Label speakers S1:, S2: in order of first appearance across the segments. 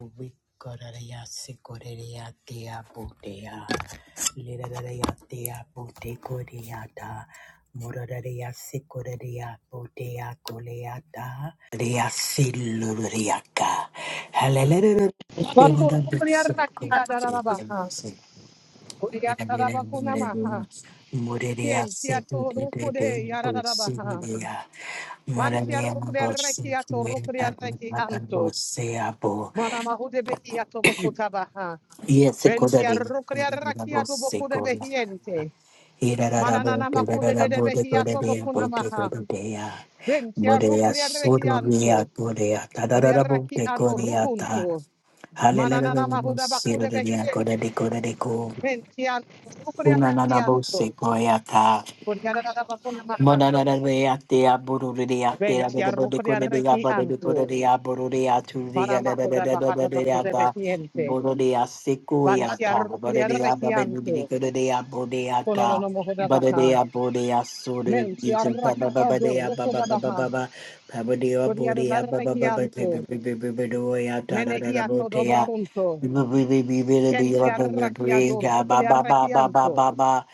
S1: Wikoraya sikoreya tia putea, liraraya tia pute koreata, muraraya sikoreya putea koleata, ria siluriaka, halelere tenda
S2: Baha.
S1: bitsuko,
S2: Maha.
S1: mureya
S2: Tien
S1: setu
S2: tiato
S1: de de de
S2: rokode yararabaha.
S1: busidia,
S2: Mantia
S1: muraraya
S2: rokode rekiato
S1: busidia,
S2: rokode reki Anto. Manama Vatorokoriaraki-arararabaha. Oriatarabakonamaha. Tientiatorokore-yarararabaha. Vantiarokoriarakiatorokoriarakianto. Manamahudebehiatobokotabaha.
S1: Yes, Kodari, Sekola.
S2: Ventiarokoriarakiatobokodebehiente.
S1: Hirarabo, Tirarabo, the Kodaya, Bote
S2: Manananamakudededebehiatobokonamaha.
S1: Kodaya, Modea,
S2: Ventiarokoriarakianto.
S1: Sodoria, Kodea, Tadarabo, the
S2: Oriarakiadorokunto.
S1: Kodiata, Hallelujah. Siro, the
S2: Manananamahudabakodebehiente.
S1: Kodadeco, Unanabo,
S2: Ventiarokoriarakianto.
S1: Sekoyata.
S2: Koriara da bakuna maha.
S1: Mananarayate, Abururiate,
S2: Venti
S1: Abadabadukuria,
S2: arrucriarrechi anto,
S1: Badadukuria, Bururia, Tunzia,
S2: Panamacoda Bahada Bacoda
S1: Dadadadadadada,
S2: Behiente,
S1: Bururia,
S2: Vanti
S1: Sikuyata, Badadia,
S2: arrucriarrechi anto,
S1: Babadikuria, Bodeata,
S2: Cononomocoda Baha,
S1: Badadia, Bodea, Suri,
S2: Menti
S1: Yuzinta,
S2: arraki
S1: Babadea, Baba,
S2: adorrocoda
S1: Baba,
S2: Baha,
S1: Baba, Pabadia, Bodea, Baba,
S2: Codiarrechi
S1: Baba,
S2: anto,
S1: Bibidoya,
S2: Menehiato
S1: Tadadabotea,
S2: dobocunto, Kenti arraki
S1: Bibidia, Baba, Baba,
S2: adorrocriarrechi
S1: Baba,
S2: anto,
S1: Baba,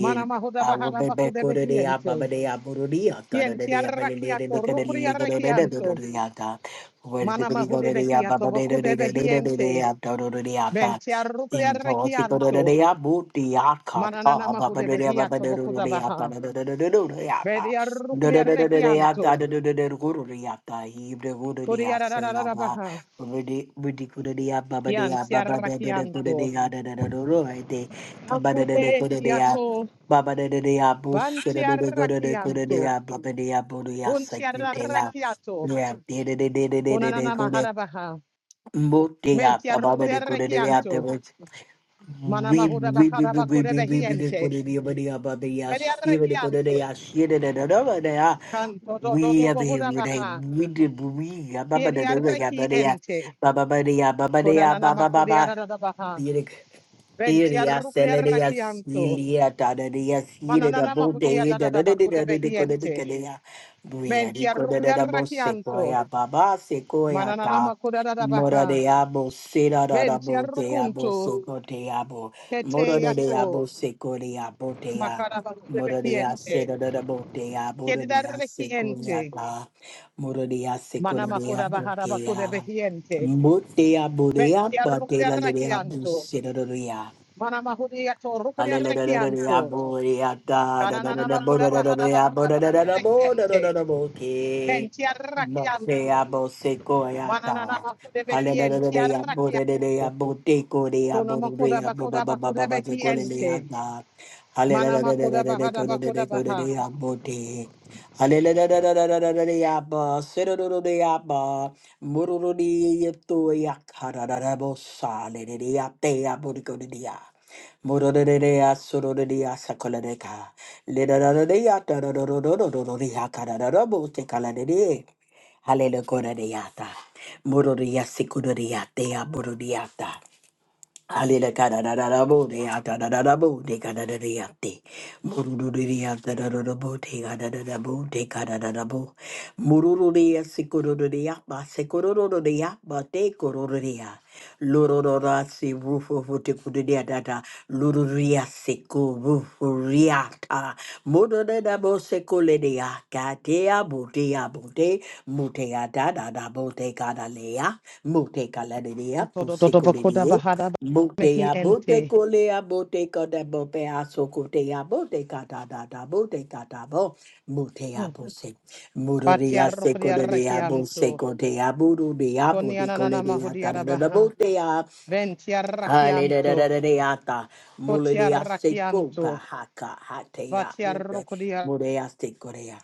S2: Manamacoda
S1: I will
S2: Bahada
S1: be back
S2: Bacoda
S1: with the day, I'm a
S2: Behiente,
S1: day, I'm a day, I'm a
S2: Kienti
S1: day, I'm a day, I'm a day, I'm a day, I'm
S2: arrakiato
S1: a
S2: rucriarrechi
S1: day,
S2: anto,
S1: I'm a day. Where the body go
S2: Manamahude
S1: to the, I'm
S2: Behiato
S1: a day,
S2: boco
S1: I'm a
S2: de
S1: day, I'm a day, I'm
S2: Behiente,
S1: a day, I'm a day.
S2: Mentia rucria
S1: In Tosi go to the
S2: recianto.
S1: day, I'm a day, I'm
S2: Mananana
S1: a
S2: mahude
S1: day, I'm a day, I'm a day, I'm a day, I'm a
S2: behiato bocuda
S1: day, I'm a
S2: baha.
S1: day.
S2: Bedia
S1: Do
S2: rukia
S1: do do do do do ya da
S2: recianto.
S1: do do do do do go do do ya da he do go do do ya
S2: Curia
S1: salaba
S2: baha.
S1: budi budi go do do ya baba do ya
S2: Yantia
S1: baba do do do go do do
S2: racianto.
S1: ya da da da do do right there baba do do do
S2: Acude
S1: go do do ya
S2: hiato.
S1: Baba de de de ya bo shi de
S2: Vantia
S1: de de go de de go de de
S2: racianto.
S1: ya baba de ya bo de ya sa
S2: Buntia
S1: ki de ya
S2: raciato.
S1: ya de de de de de de de de
S2: Punanana
S1: go de
S2: mahara baha.
S1: mo de ya
S2: Mentia
S1: baba de de
S2: rucria
S1: go de de ya de
S2: recianto.
S1: bo we
S2: Manamahuda
S1: we we
S2: bacara
S1: we we
S2: bacude
S1: we we we de go
S2: behiente.
S1: de de baba de ya baba ya
S2: Bedia
S1: shi de de go de de ya
S2: recianto.
S1: shi de de de de ba de ya
S2: Canto do do
S1: we
S2: do
S1: have him
S2: bohuda
S1: with a
S2: baha.
S1: we did we ya baba de de
S2: Kiria
S1: de ya baba de ya
S2: reciente.
S1: baba ba de ya baba de ya
S2: Konanana
S1: baba
S2: makuria
S1: baba
S2: da da da baha. Ventia
S1: Siria,
S2: rucria
S1: Celeria,
S2: rakianto.
S1: Silia, Tadadia, Sida, the
S2: Mananana
S1: Bode,
S2: makuria da
S1: the
S2: da da bakude
S1: Dodico, the
S2: behiente.
S1: Cadea, Bria,
S2: Mentia
S1: Dico, the
S2: rucria
S1: Dabo,
S2: rakianto.
S1: Sequoia, Baba, Sequoia,
S2: Mananana
S1: Ta,
S2: makuda da da
S1: Mora
S2: baha.
S1: de Abo, Sida, the
S2: Ventia
S1: Dabo, de Abo,
S2: rucunto.
S1: Seco, de Abo,
S2: Kete
S1: Mora de
S2: yato.
S1: Abo, Seco, de Abo, de Abo.
S2: Makara bakude
S1: Mororia
S2: behiente.
S1: seda da da botea,
S2: Kedida
S1: Mororia seconia
S2: rekiente.
S1: ta, Mororia seconia
S2: Manamakuda bahara bakude
S1: botea,
S2: behiente.
S1: Motea borea,
S2: Ventia rucria
S1: Patela lea
S2: rakianto.
S1: busida
S2: Manamahudia to rucria
S1: Hallelujah.
S2: rakianto. Kananana makuda bahara bakuda bakude behiente. Entiarrakianto. Mananana bakudebeki entiarrakia. Kono makoda bakoda bakudebeki ente. mana makoda bahada bakoda baha.
S1: Mororerere asororere asakolareka. Lerararare atararororororore akarararabo tekalarere. Halelukorere ata. Morore asikurore atea borore ata. Alele kadadadadabo de atadadadabo de kadadadiyate. Murururiya dadadadabo de kadadadabo de kadadadabo. Murururiya sikurururiya ba sikurururiya ba te kurururiya. Lururura si rufu futi kududiya dada. Lururiya siku rufu riyata. de sikulidiya katea butiya bute. Muteya dadadabo te kadaleya. Mute kaladidiya
S2: Todododo bakoda
S1: pusikuridiye.
S2: bahada
S1: Bote
S2: mehi
S1: ya bote
S2: ente.
S1: kole ya bote kada bope aso sokote ya bote kada da da bote kada bo bote ya bose murore ya se kore de ya bose
S2: Batiarrokodiarrakianto.
S1: kode ya buru de ya bote kole
S2: Konianana
S1: de ya da da
S2: mahodiada
S1: da da
S2: baha.
S1: bote ya hale da da da
S2: Ventiarrakianto.
S1: da de ya ta mule de ya seko ba
S2: Kotiarrakianto.
S1: haka hate ya bote
S2: Batiarrokodiarrakiana
S1: mure ya sekore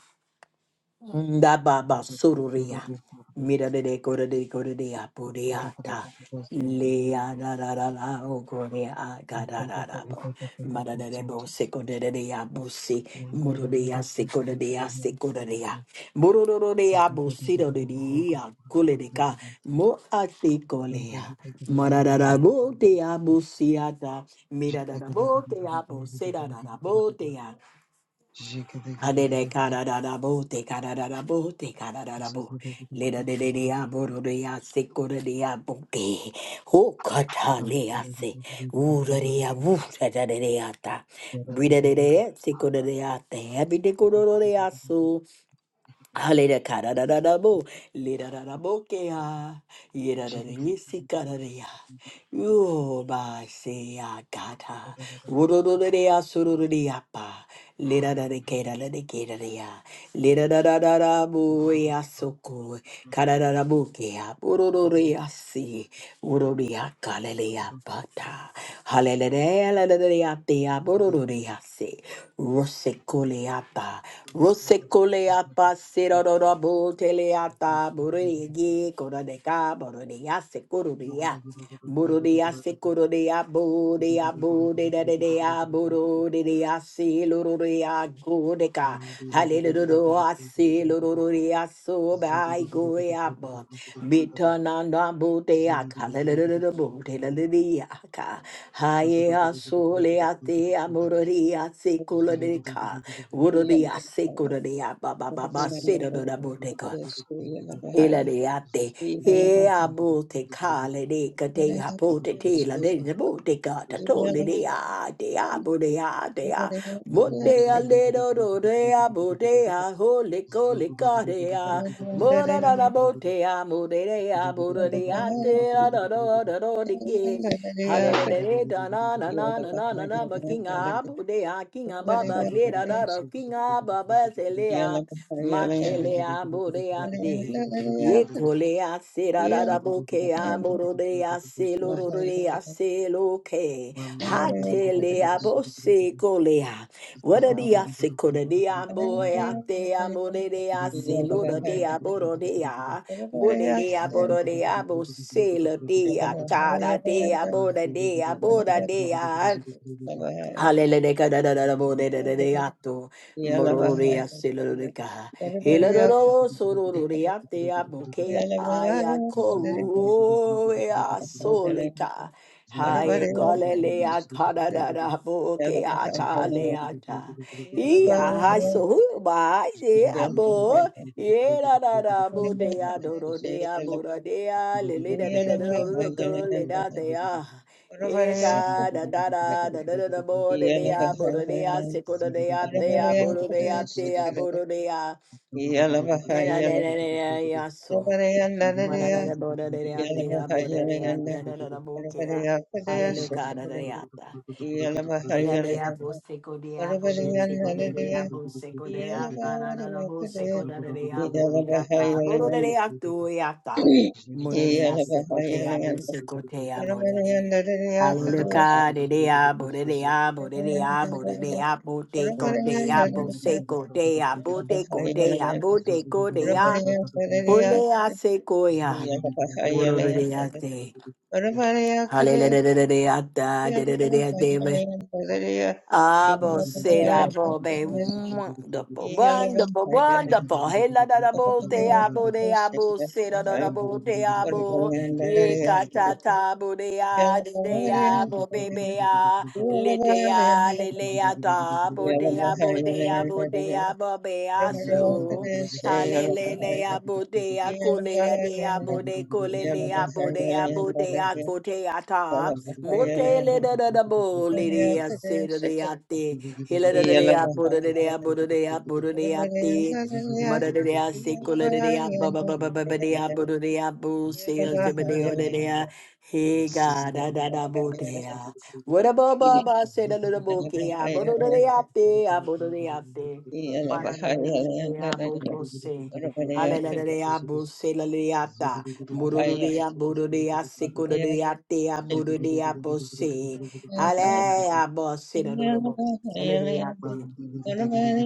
S1: Ndababa
S3: Thank
S1: soruria. Mira de de cora de cora de apureata. Lea da da da da o gore a ga da da da bo. Mara de de bo se cora de de abusi. Muro de a se cora de a se cora de a. Muro do do de abusi do de a cole de ca. Mo a se colea. Mara da da bo te abusiata. Mira da da bo te abusera da da bo Adede kada da da bo te kada da da bo te kada da da bo. Leda de de de a bo do de a se ko de de a bo te. Ho kata le a se. U de de a wu ta da de de a ta. Bri de de de e se ko de de a te. Ebi de ko do do de a
S3: you.
S1: so. Hallelujah. Karararabo, lirararabokea,
S3: Zoom
S1: yirararisikararea. Yobasea gata, wurururarea surururiapa, lirararakerararakerarea, lirarararaboea soko, Ukea burururia si ururia kalelia bata halelelea lelelea tia burururia si rosekuleapa rosekuleapa sirorora buteleata burigi korodeka bururia sekururia Boro de ase coro de abo de abo de da de de aboro de de ase loro de ago de ca hallelujah ase loro de aso by go abo bitananda bo de ak hallelujah bo de la de aka haye aso le ate amoro de ase colo de ca
S3: Ziggy,
S1: boro
S4: Yeah.
S1: de ase coro de aba ba ba ba se da da bo de ka Ela de ate, e a bote cale de cate a pote tela de the bote cata tole de a de a bote a de a bote a le do do de a bote a hole cole care a mora da da bote a mode de a bote de a te da da do da do de ke Halele de re da na na na na na na na ba kinga abu de a kinga baba le da da da kinga baba
S4: Yeah.
S1: selea matelea bodea te Yekolea kole a se ra ra ra
S3: Zugu
S1: bo ke a mo ro re a se lo ro re a se lo ke. Ha te le a se kole a. What a dia se
S4: Yeah.
S1: e se lo ro re a bo ro re a. Bo re re a bo ro re Hallelujah, da da da da bo de de de de ato mororia silurica. Hilaro sororia te aboke ayakoroa solica. Haye golelea da da boke
S3: Ziggy,
S1: ata leata. Ia hasuba abo. Ye da da da bo de adoro de abura de a lele da de da da da da da da da da Eka da da da
S4: Yalabahayalanda,
S1: da da da da bo de de a bo de de a seko ko de de a te a bo de de a te a bo de de a e da de de de de ya so ma da da da bo de de a te a bo de de a te da da da bo ke a hallelujah da da da Era de abo seco de abo de seco de de abo seco de ata da da da bo seco da de de abo li ata boro de de ato e ata moro de a seco te abo seco te amo de de Aleluya de de abo de de abo de de abo de de abo te co te abo seco te
S4: Yeah.
S1: abo te co te abo te co de a ole a seco ya boro de de ate
S3: Zugu
S1: Hallelujah, Abo say that bo be wonderful, wonderful, wonderful. Hey la da da bo de abo de abo say da da da bo de abo. Ye ka ta ta bo de a de de a bo be be a le de a le
S3: Ziggy
S1: le a ta bo de a bo de a bo de a be a so. Hallelujah, bodea, colera dea, bode, colelea, bodea, bodea, coteata. Motele da da da boleria, seda deate. Hila da da dea, boda dea, boda dea, boda deate. Mother dea, secola dea, baba baba baba dea, boda dea, bo, sea, zebadeo dea. Hey God, da da da
S4: Yeah.
S1: bodea. What about Baba said a little bokeh, boda deate, boda deate.
S3: Zugu
S1: Baranabirabose. Hallelujah, Bose Laliata, Mururia, Bururia, Sikuria, Tea, Bururia, Bose, Hallelujah, Bose, Hallelujah,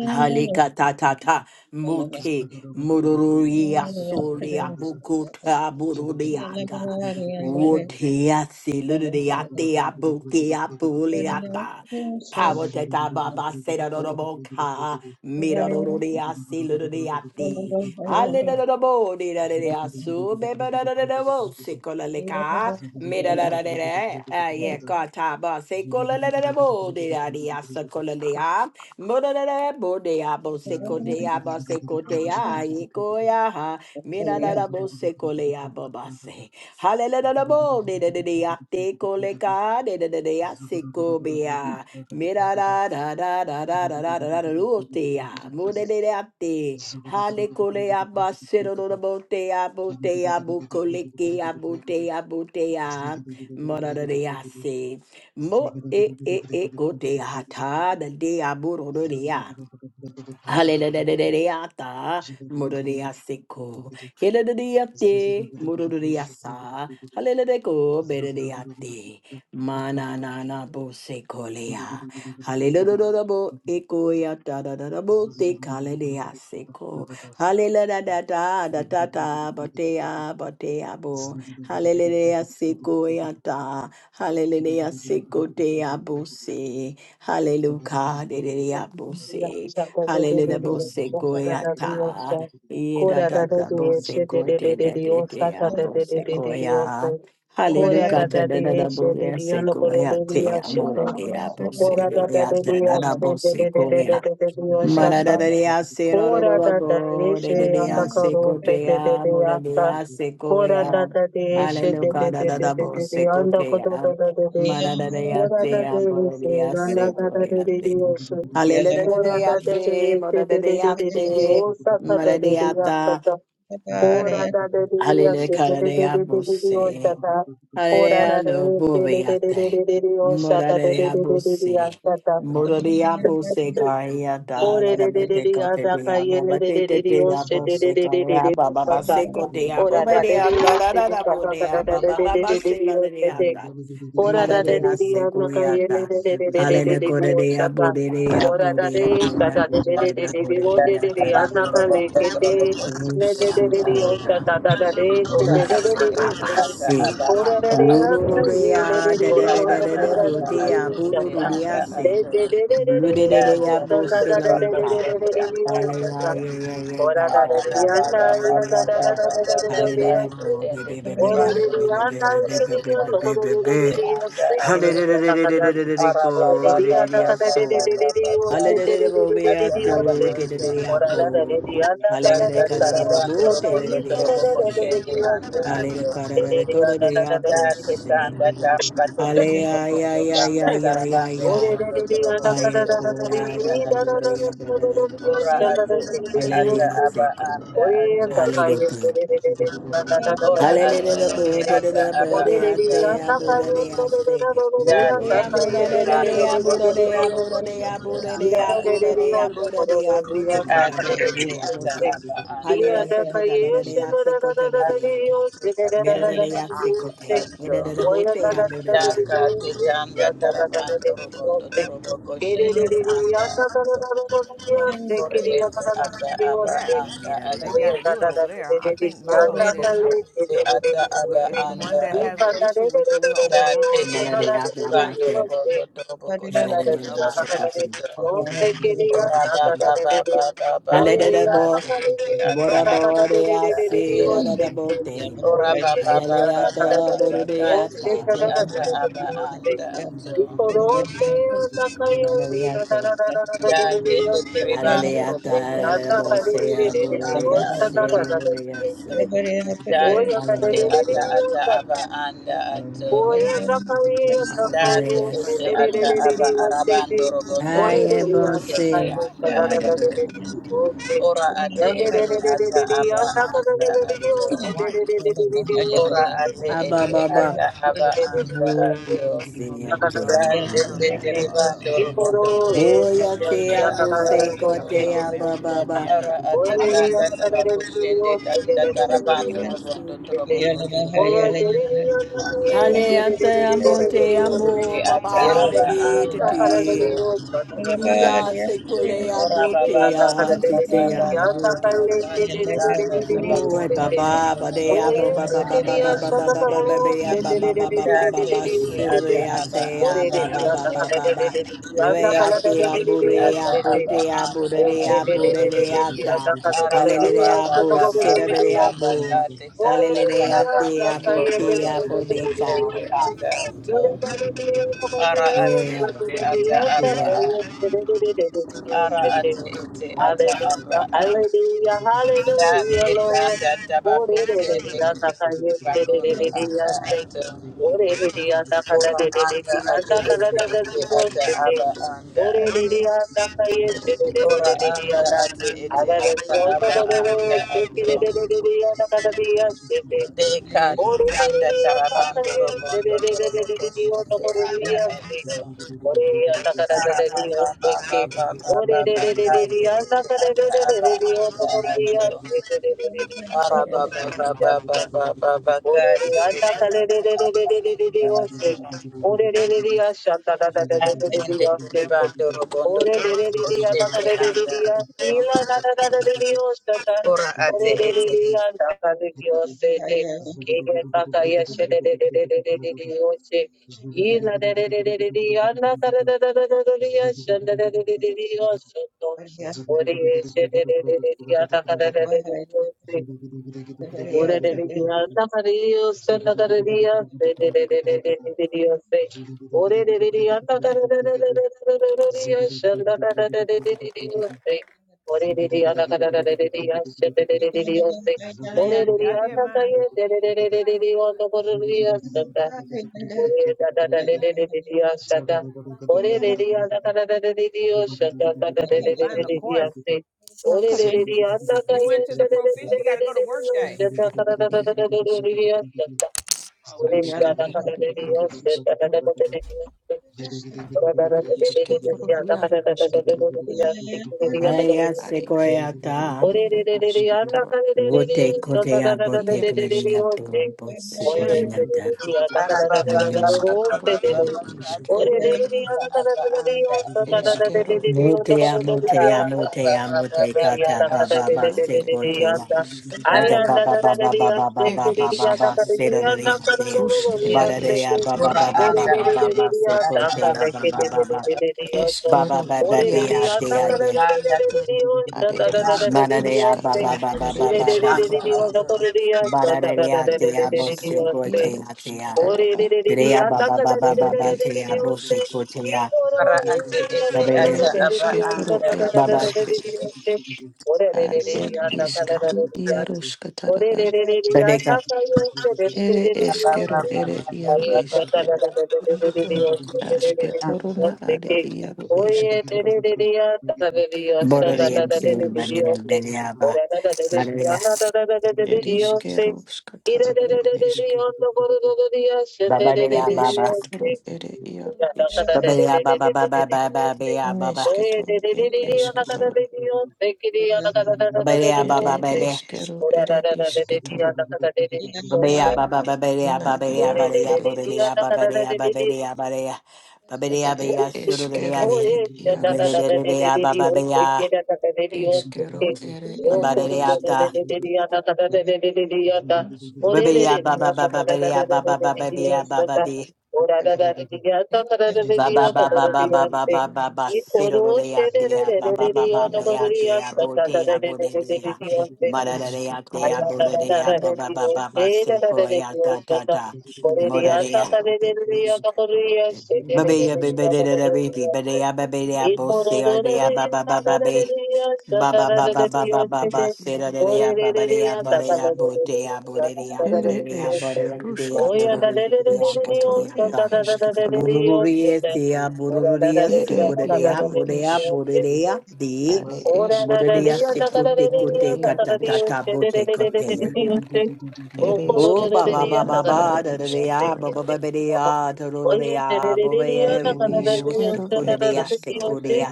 S1: Halekatatata
S4: Thank
S1: mute mururuya solia bukuta bururiaka wotea siluriatea bukia buliata power tata baba sedoroboka miraruria siluriati haledodobo diraria su bebadadadabo sicola leka.
S3: Ziggy
S1: Mira la la la la, ah yeah, God ta ba se kola la la la bo de la di asa kola le a, mo la la la bo de a bo se ko de a bo se ko de a ye ko ya ha, mira la la bo se ko le a bo ba se, hale la la la bo de de de de a te ko le ka de de de de a se ko be a, mira da da da da da da da da da da da da da da da da da da da Hale kole aba sero no no bote abu te abu koleke abu te abu te a morara de ase mo e e e go te ata da de abu ro
S3: Zulu
S1: de Hallelujah, Mururia Seko, Hiladiate, Mururia Sa, Hallelujah, Berediate, Mana Nana Bosecolea, Hallelujah, Bo Ecoia Tadabo, Tekaledea Seko, Hallelujah, Data, Data, Batea, Batea Bo, Hallelujah, Secoiata, Hallelujah, Secotea Bose, Hallelujah, Dedia Bose. Hallelujah. Bose goyata. Ida da da
S3: Zugu
S1: bose go de de de de a bose goya. Hallelujah. Da da da da bose goya te amore de a bose goya da da da bose Goya. Maradadea se rororobo, dedea se cotea, moradea se
S4: you.
S1: coea, aleluca da da da bo se cotea, maradadea se aboradea se coea te.
S5: Ora
S1: Hallelujah,
S5: da de
S1: te,
S5: de se de de de
S1: moradadea
S5: de de de
S1: te,
S5: o sa ta da de de ya sa
S1: maradiata,
S5: ta ora da de de de ya se
S1: aleluca
S5: de
S1: da
S5: de de
S1: dea
S5: de de de de o
S1: bose.
S5: sa ta ora
S1: Hallelujah,
S5: da
S1: no
S5: de se de de de de
S1: buriate.
S5: de de de o sa ta de de
S1: Morarea
S5: de de de de
S1: busi.
S5: ya sa ta
S1: Mororia busi caria
S5: O
S1: da
S5: re
S1: da
S5: re re re
S1: bate
S5: re
S1: cote
S5: ada
S3: Zugu
S1: de
S5: ka ye
S1: abo,
S5: re re
S1: bate
S5: re
S1: de
S5: re re
S1: de
S5: o se
S1: abo
S5: re re re re
S1: seco,
S5: re re
S1: raba
S5: o sa
S1: baba
S5: ka.
S1: seco de
S5: O ra
S1: abo,
S5: da re
S1: badea
S5: re
S1: da da
S5: se
S1: da
S5: re
S1: da
S5: ka da da da
S1: bodea
S5: da re
S1: baba
S5: re re
S1: baba
S5: re re re
S1: sela
S5: o
S1: de
S5: se te.
S1: ata.
S5: O ra da re re
S1: Mararea
S5: re ana ka ye re
S1: secoiata.
S5: re re re re re re
S1: Hallelujah,
S5: re re o
S1: correa
S5: sa ka.
S1: bodea
S5: O ra da re
S1: bodea de
S5: sa
S1: la
S5: da re re re
S1: de
S5: re
S1: la
S5: re re
S6: Ora
S5: o re
S6: ate
S1: bodea
S6: ete
S5: re re ana ka
S1: da
S5: le ke te. Le re re re
S1: da
S5: re
S1: da
S5: o sa
S1: da.
S5: da da da re se re re re
S1: Ufa,
S5: re re.
S1: baba,
S6: ata
S1: se.
S6: aba anda ato.
S1: Urururea, da da
S6: Ora
S1: da da da
S6: ata
S1: da,
S6: ata
S1: brutea,
S6: ate ete anda
S1: burururea, se.
S6: ato. Da da
S1: Blururea,
S6: da da
S1: bo, se, la,
S6: ba
S1: lo,
S6: ko
S1: ta.
S6: shende anda ato.
S1: Alea, ye, ye, ye, da,
S6: Ara
S1: da,
S6: da
S1: da,
S6: ba
S1: da, da,
S6: ba ba ba
S1: da, da,
S6: ba ba
S1: da.
S6: ba ba ba
S1: Hallelujah,
S6: ko
S1: bo, be,
S6: shende
S1: be, be,
S6: tere
S1: be,
S6: ba
S1: be,
S6: tere ba
S1: be, be,
S6: tere
S1: be,
S6: ba
S1: be, be, be, be,
S6: ko
S1: be, be,
S6: shende
S1: be.
S6: anda ato.
S1: Hallelujah,
S6: Ara ba ba
S1: go,
S3: Zugu
S1: de,
S6: ba
S1: de, de,
S6: ba
S1: ah,
S6: ba ba
S1: so.
S6: ba ba ba ate
S1: Hallelujah, bo,
S6: ete
S1: be, ah,
S6: ata aba
S1: to, de, de, de, ah,
S6: ato.
S1: bo. Hallelujah,
S6: Dasa
S1: da, da, da,
S6: tarabando
S1: bo, de,
S6: robondo
S1: de, de, ah,
S6: torobo koshende anda
S1: Hallelujah.
S6: adio.
S1: Karara kora de
S6: Date
S5: Ora
S1: apose.
S6: kanda tam katondo
S1: Hallelujah. Ya
S6: tumokondo
S1: ya
S6: kanda
S1: ya
S5: Oye,
S1: ya ya
S6: tarabando
S1: ya.
S6: robondo torobo
S1: Aye
S6: koshende
S1: po ya
S6: anda
S1: da da da
S6: adio.
S1: da ya da da da
S6: Ora
S1: pose.
S6: ate ete ata
S1: Hallelujah.
S6: aba
S1: Thank God.
S6: anda adio.
S1: Hallelujah.
S6: Ora ate
S1: Hallelujah,
S6: ete
S1: Buddha, the
S6: ata aba
S1: Buddha,
S6: anda
S1: the
S6: adio.
S1: Buddha, the say.
S6: Date
S1: Buddha,
S6: ende
S1: Buddha,
S6: terebando
S1: the
S6: robondo
S1: Buddha, the
S6: torobo
S1: Buddha, the
S6: koshende
S1: Buddha,
S6: anda
S1: the Buddha,
S6: adio.
S1: the Buddha, the Buddha, Kada,
S6: Ate
S1: the
S6: ete
S1: Buddha,
S6: ata aba anda.
S1: Hallelujah, Sekota, the Sekota, the day,
S6: Ate ete ata
S1: Mira, the
S4: Yeah.
S1: day,
S6: aba anda
S4: Thank
S1: Mira,
S6: adio.
S1: the Buddha, Buddha, the
S6: Daka
S1: Ata.
S6: tetanda tarabando robondo torobo koshende anda ato.
S1: Baba.
S6: Ore ete ata aba
S7: Yes.
S6: anda
S1: Mira,
S7: So they
S1: the
S6: ato.
S7: got
S1: Buddha.
S7: to do it over there. I think Milo
S6: Toro
S7: said no.
S6: koshende ata
S7: We,
S6: aba
S7: if the one
S6: anda
S7: that has
S6: ato.
S7: an issue with it, we'll open a work
S6: Date
S7: order for
S1: Mira,
S6: ende
S7: that
S1: the
S7: one,
S1: Ata,
S7: which makes
S6: tarabando
S1: Bate.
S7: sense.
S6: robondo
S5: Thank
S6: torobo
S7: We'll
S1: Mira,
S7: open
S1: the
S6: koshende
S1: Buddha,
S7: another work
S6: anda
S7: order.
S6: ato. Ora baba baba baba
S3: Thank
S6: baba
S1: Hallelujah, Buddha,
S6: date ete ata
S1: Buddha,
S6: aba anda ato.
S1: the Buddha, the Buddha,
S6: Ora baba baba
S1: Hallelujah,
S6: baba baba date
S1: Burudeata,
S6: ete ata aba anda ato.
S5: Oye,
S1: Unanayata,
S6: Da tende teribando
S1: Hallelujah,
S6: robondo robo robo
S1: Bosea,
S6: koshende anda
S1: Burudia,
S6: ato.
S1: Siria, Sin,
S6: Da tende
S1: Hallelujah,
S6: ata ata aba anda ato.
S7: I hope they
S6: Da
S7: pixie
S1: Hallelujah,
S7: clerk
S6: tende
S7: haven't
S1: Sin.
S6: ata
S7: quit
S6: aba
S7: again.
S6: arabando robondo
S1: I
S6: robo
S1: am
S3: you.
S6: koshende
S1: Bose,
S7: Yeah.
S6: anda ato. Ora ate ete ata aba anda ato.
S7: No, Hawaii.
S6: Ora
S7: Wha-
S6: ate ete
S1: Ababa,
S6: ata aba
S4: you.
S6: anda ato.
S7: No, this
S1: Voyatia,
S7: is uh
S6: Da
S4: Yeah.
S7: Hon-
S6: tende
S7: Honolulu.
S5: Thank
S6: teribando
S7: Um,
S6: robondo robo
S7: what is it?
S6: koshende
S1: Voyatia,
S6: anda
S1: Bose,
S7: Yeah,
S6: ato.
S7: Willow.
S1: Cotea,
S7: I'm Airfield.
S1: Baba,
S6: Ara
S7: My husband was
S6: atatanda
S7: stationed there.
S6: tabakushende tatatarabando
S1: Hallelujah,
S6: robondo
S1: Sin.
S3: Zagada
S6: torobokoshe.
S1: Hallelujah,
S6: Ore
S1: Monte,
S6: ete
S1: Amo,
S6: ete ata
S1: Baba,
S6: aba anda ato.
S1: Lady, Tia sekolea
S6: Ora baba baba
S1: botea,
S6: baba
S1: titia
S6: baba baba
S1: botea.
S6: kate tanda
S1: Oi,
S6: tabakondo
S5: you.
S1: babá,
S6: tondo
S1: badea,
S5: Oye,
S1: boba,
S6: tabakondo
S1: baba,
S5: te
S6: anda
S1: baba,
S5: diría,
S1: baba,
S6: ato.
S5: solo para
S1: baba,
S5: vos,
S1: babea,
S5: te
S1: baba,
S5: diría, te diría,
S1: baba,
S5: te diría,
S1: baba,
S6: Date
S5: te diría,
S6: ete
S5: te
S6: ata
S5: diría.
S1: basilia,
S6: aba
S1: tea,
S5: Ore, te
S6: anda
S1: baba,
S5: diría, anda,
S6: ato.
S1: baba,
S5: cala, te diría,
S1: baba.
S5: te diría, anda,
S1: Rea,
S5: cala, te
S6: Date
S5: diría,
S1: kea,
S5: te
S6: ete
S5: diría,
S1: burea,
S6: ata
S5: te
S6: aba
S5: diría.
S1: botea,
S6: anda
S5: Este,
S1: burea,
S5: te
S6: ato.
S5: diría, te
S1: burea,
S5: diría,
S1: ta.
S5: anda, cala, te
S6: Ara
S5: diría,
S6: ate ete ata
S1: Hallelujah,
S5: solo
S1: bo,
S5: para vos, te diría,
S1: silia, bo.
S5: Ore, te
S1: Hallelujah,
S5: diría, anda,
S1: tea,
S5: cala, te diría,
S1: bukea,
S5: te diría, te diría.
S1: bodeca.
S5: Hallelujah,
S1: Yeah,
S6: aba
S1: yeah.
S6: a. Ara ate ete ata aba a.
S5: hallelujah,
S3: Ziggy
S6: Da
S5: hallelujah,
S6: te
S5: Lord.
S6: tanda
S5: Oh,
S6: tabako
S5: re re re re,
S6: tende
S5: ata kaye, re re re
S6: bakondo
S5: re re,
S6: anda
S5: ate.
S6: ato.
S5: Oh, re re re, ata kada
S6: Ora
S5: re re re
S6: anda
S5: re,
S6: ate
S5: ata kada
S6: ete
S5: re re
S6: ete
S5: re, yoshte te.
S6: aba anda
S5: Oh, re re re, ata kaye, re re re
S6: Ora
S5: re re re,
S6: anda
S5: ata.
S6: ate ete
S5: Ada re
S6: ata
S5: re, oto
S6: aba
S5: kore
S6: anda
S5: ro, te ki re
S6: ato.
S5: re re re re, ata kada re yaste te.
S6: Dekati
S5: Ore re re
S6: kanda
S5: re ya ta ta
S6: tarabando
S5: ye se
S6: robondo
S5: re re re re re
S6: toroboto
S5: re yo ta
S6: shende
S5: ta re re
S6: anda
S5: ya se.
S6: ento.
S5: ore ya ta ka re re re
S6: Araba
S5: re yo
S6: baba
S5: se ke.
S6: baba baba
S5: ore
S6: ba ba ba
S5: re re
S6: ba
S5: re re re ya ta
S6: ete
S5: ka re
S6: ata
S5: re re re
S6: aba
S5: re re yo ta
S6: anda
S5: ta re re ya
S6: ato.
S5: se re re re re re re yo ta
S6: Araba
S5: ta re
S6: baba
S5: ya
S6: baba baba
S5: se.
S6: ba ba ba ba
S5: ore re ya ta
S6: ete
S5: ka re re
S6: ata
S5: re re re
S6: aba
S5: re re re
S6: anda
S5: yo
S6: ato.
S5: se. ore
S3: Ziggy
S6: Atende
S5: Yes.
S6: tarabando robondo
S5: Ore de de de
S6: toroboto
S5: de da da
S6: shende
S5: de de de
S6: anda
S5: de
S6: ato.
S5: sila da da da da de de osta da.
S6: Ora ate
S5: Ore de de
S6: ete.
S5: de da da de de oste de. Kege da ta yeshe de de de de de de de de oste. Yila de de de de de de da da da da da da da de yeshe de de de de de de osto. Ore yeshe de de de de de da da da da de de oste. Ora de de de nama de Dios, sana de de de de de de de de de de Dios. Ora de de dia, nama de de de de de de de Dios, sana de de de de de de Dios.
S3: Ziggy
S5: Ora de dia, nama de de de de de sana de de de Dios. Ora de
S7: Yeah, I
S5: dia,
S7: did
S5: nama
S7: mine.
S5: de de de de de de de de por Dios. Yes,
S7: How you find the course? You went to the profish. You got to go to work
S8: Eskero
S7: day.
S8: et esketoro,
S7: Oh wait. a minute.
S1: Hallelujah, sequoia, ta.
S5: Ore re re re re anda ka re re re
S3: Zugu
S1: Vote
S5: re ta ta ta
S1: Kodea
S5: ta ta re
S1: Bote
S5: re re re re
S1: Kodea
S5: ho se
S1: Bosi
S5: koi re se
S1: Kodea
S5: re
S1: Da.
S5: re re anda ka re
S4: Yeah.
S5: re
S6: Araba baba
S5: re re re
S6: baba
S5: ho
S6: baba
S5: se
S6: ba
S5: re
S6: ba ba
S5: re
S6: ba
S5: ore re
S6: ete
S5: re re
S6: ata
S5: anda ka
S6: aba
S5: re re re ho
S6: anda
S5: ta ta ta
S6: ato.
S5: ta re re re re anda ka
S1: Motea
S5: re
S6: Ora anda ate ete ata aba anda ate ete anda ate ete anda
S5: re
S8: askero
S5: re
S1: Motea
S5: re
S1: Motea Mote Kata Baba Base
S8: et iaro
S1: Kotea.
S8: iske,
S1: Mother Baba Baba Baba
S8: et
S1: Baba
S8: isk,
S1: Baba Sedaria Bia.
S8: rusk ere
S1: Badadea
S8: esketoro,
S1: Baba Baba Baba Baba Sekotea Baba Baba
S8: eskero
S1: Baba Baba Bia
S8: iaruske,
S1: Tea Gen.
S8: are isk
S1: Manadea
S8: ruskata
S6: ate
S1: Baba Baba
S8: ere
S1: Baba
S6: ete
S1: Bas.
S6: anda
S8: esketoro
S6: ate
S1: Badadea
S8: Ed
S1: Tea Bosi
S8: iskaru
S5: Dios,
S1: Kotea
S8: iarusk
S1: Tea.
S8: tara
S5: Ore ore ore ore
S1: Tereya
S5: ore, I don't
S1: baba
S5: care.
S1: baba
S8: ere
S1: baba
S8: ed
S1: teya bote
S8: iarusk
S1: koteya
S6: ora ate
S5: Ore
S6: ete
S5: ore ore
S1: tabeya
S8: ere
S6: ata
S5: ore ore,
S6: aba
S8: eske toro
S5: I
S6: anda
S3: Zig
S8: ed
S6: ate
S1: baba
S5: don't
S8: eske
S5: care. Ore ore ore
S8: ad ed
S5: ore ore, I
S8: iskaru
S5: don't care.
S8: iarusk tara
S5: Oye, ya ya ya ya ya
S1: tabeka
S5: sa sa yo se re re re
S8: ere
S5: re re re
S6: aba
S5: yo
S8: eskero
S6: aba
S5: se
S8: ere
S6: aba
S8: iaru
S5: oye
S6: aba
S5: sa
S6: aba
S5: sa
S8: iske
S5: sa sa sa re re re re yo se re re re
S8: aske
S5: re re
S8: toro
S5: yo
S8: na
S5: se
S8: are
S5: ke
S8: iaru eske
S5: oye re
S8: toro
S5: re re re ya sa re re yo sa sa
S8: ere
S5: sa
S1: bororeyam
S5: sa re
S1: seyir
S5: re re re
S8: iarusk
S5: yo
S1: baniyam
S8: tara
S5: se
S1: beneya ba
S5: ore sa sa re re re
S1: baniyam
S5: ya na sa sa sa re re re re
S8: ed
S5: yo se
S8: iskero
S5: ire
S8: skatara
S5: re re
S8: ed
S5: re re re
S8: eske
S5: yo no ko re re re ya se
S1: baba
S5: re re re
S1: deya
S5: re
S8: ere
S5: re yo
S1: baba
S8: eske toro ere iaru isk
S1: baba deya baba baba baba beya baba baba
S8: neske
S5: Oye Oye re
S8: toro
S5: re re
S8: ed
S5: re ya
S8: eske
S5: na sa sa
S8: toro
S5: re yo se ke re ya na sa sa sa sa re
S1: deya
S8: ere
S1: baba
S5: yo se
S1: bebe
S8: eskero
S5: Thank
S8: ere
S3: Zagada
S8: iske
S1: baba deya baba baba deya
S8: na
S1: baba deya
S8: iaro
S1: baba deya
S8: ere
S1: bororeya baba
S8: esketoro
S1: deya baba deya baba deya baba deya
S4: Yeah.
S1: beya
S8: et eskero
S1: surureya de
S8: et
S1: baba
S8: iarus
S1: deya baba beya
S8: eskero ere
S1: baba
S8: iaro
S1: deya
S8: iske
S1: ta baba
S8: iskero
S1: deya baba baba
S8: iaskataro
S1: beya baba baba
S8: ere
S1: beya
S8: iaro
S1: baba
S8: et ere
S1: Ba ba ba ba
S8: esketoro
S1: ba ba
S8: et
S1: ba ba ba ba
S8: iarus
S1: sero lo de ya ba ba ba
S8: ere
S1: ba ba
S8: iaro
S1: ya te ya
S8: esketoro
S1: bo de
S8: et
S1: ya bo de de ya ba
S5: you.
S1: da da de ya
S8: asketoro na
S1: bo de
S8: are
S1: de ya ba
S8: iaro
S1: ba ba
S8: iske
S1: ba ba se ya ta ta ta
S8: ia
S1: mo da de ya
S8: eskero et esketoro et
S1: ba
S8: iaro
S1: be ya be
S8: iske
S1: be de de de be be ba de ya ba be de ya bo se ya de ya
S8: iasketoro
S1: ba ba ba ba
S8: iaro
S1: be
S8: iske
S1: ba ba ba ba ba ba ba
S8: ere
S1: ba se da de
S8: iaro
S1: de ya ba ba de ya ba de ya bo de ya bo de de ya bo de
S8: Ere
S1: de ya bo
S3: Zugu
S8: esh
S1: de ya te ya bo de
S8: rushkata.
S1: de ya te ya bo de de
S8: Eshketoro
S1: ya
S8: ed
S1: ta
S8: eshketoro.
S1: Burururia sia, burururia
S8: Ere
S1: sikuria,
S8: iaru
S1: burea,
S8: ish.
S5: Oya
S1: burea, di,
S8: Are
S5: Oh, da
S8: eshk
S5: da da dee,
S1: bururia
S5: da da
S8: rushkata
S5: da
S1: sikute
S5: dee,
S8: ere
S1: kute
S5: da da
S8: iaru
S5: da dee,
S8: ish.
S1: katatata
S5: she dee dee
S1: bote
S5: dee dee dee dee
S1: kotena.
S5: dee dee. Oh,
S8: Ere
S5: da da
S1: Oh,
S5: da
S1: ba ba
S5: dee,
S8: eshketoro
S5: da
S1: ba
S8: na
S5: da
S1: ba
S5: da
S1: ba,
S8: iaru
S1: da da da
S5: dee,
S1: ya,
S8: ishketoro
S1: ba
S5: she dee
S8: na.
S1: ba
S5: dee
S1: ba
S5: dee dee dee.
S1: ba da ya, da da da
S5: Oh,
S1: da
S5: she dee dee
S1: ya, ba
S5: dee
S1: ba
S5: dee,
S1: ya, da,
S5: da
S8: Ere
S7: Oh
S5: da da
S7: man,
S1: ooh,
S7: why
S5: dee,
S7: is
S8: ishkero
S5: she
S7: this
S5: da
S8: ed
S7: thing
S5: da da
S7: so
S5: dee,
S7: slow
S8: eshketoro.
S5: she dee
S7: today?
S1: sikuria,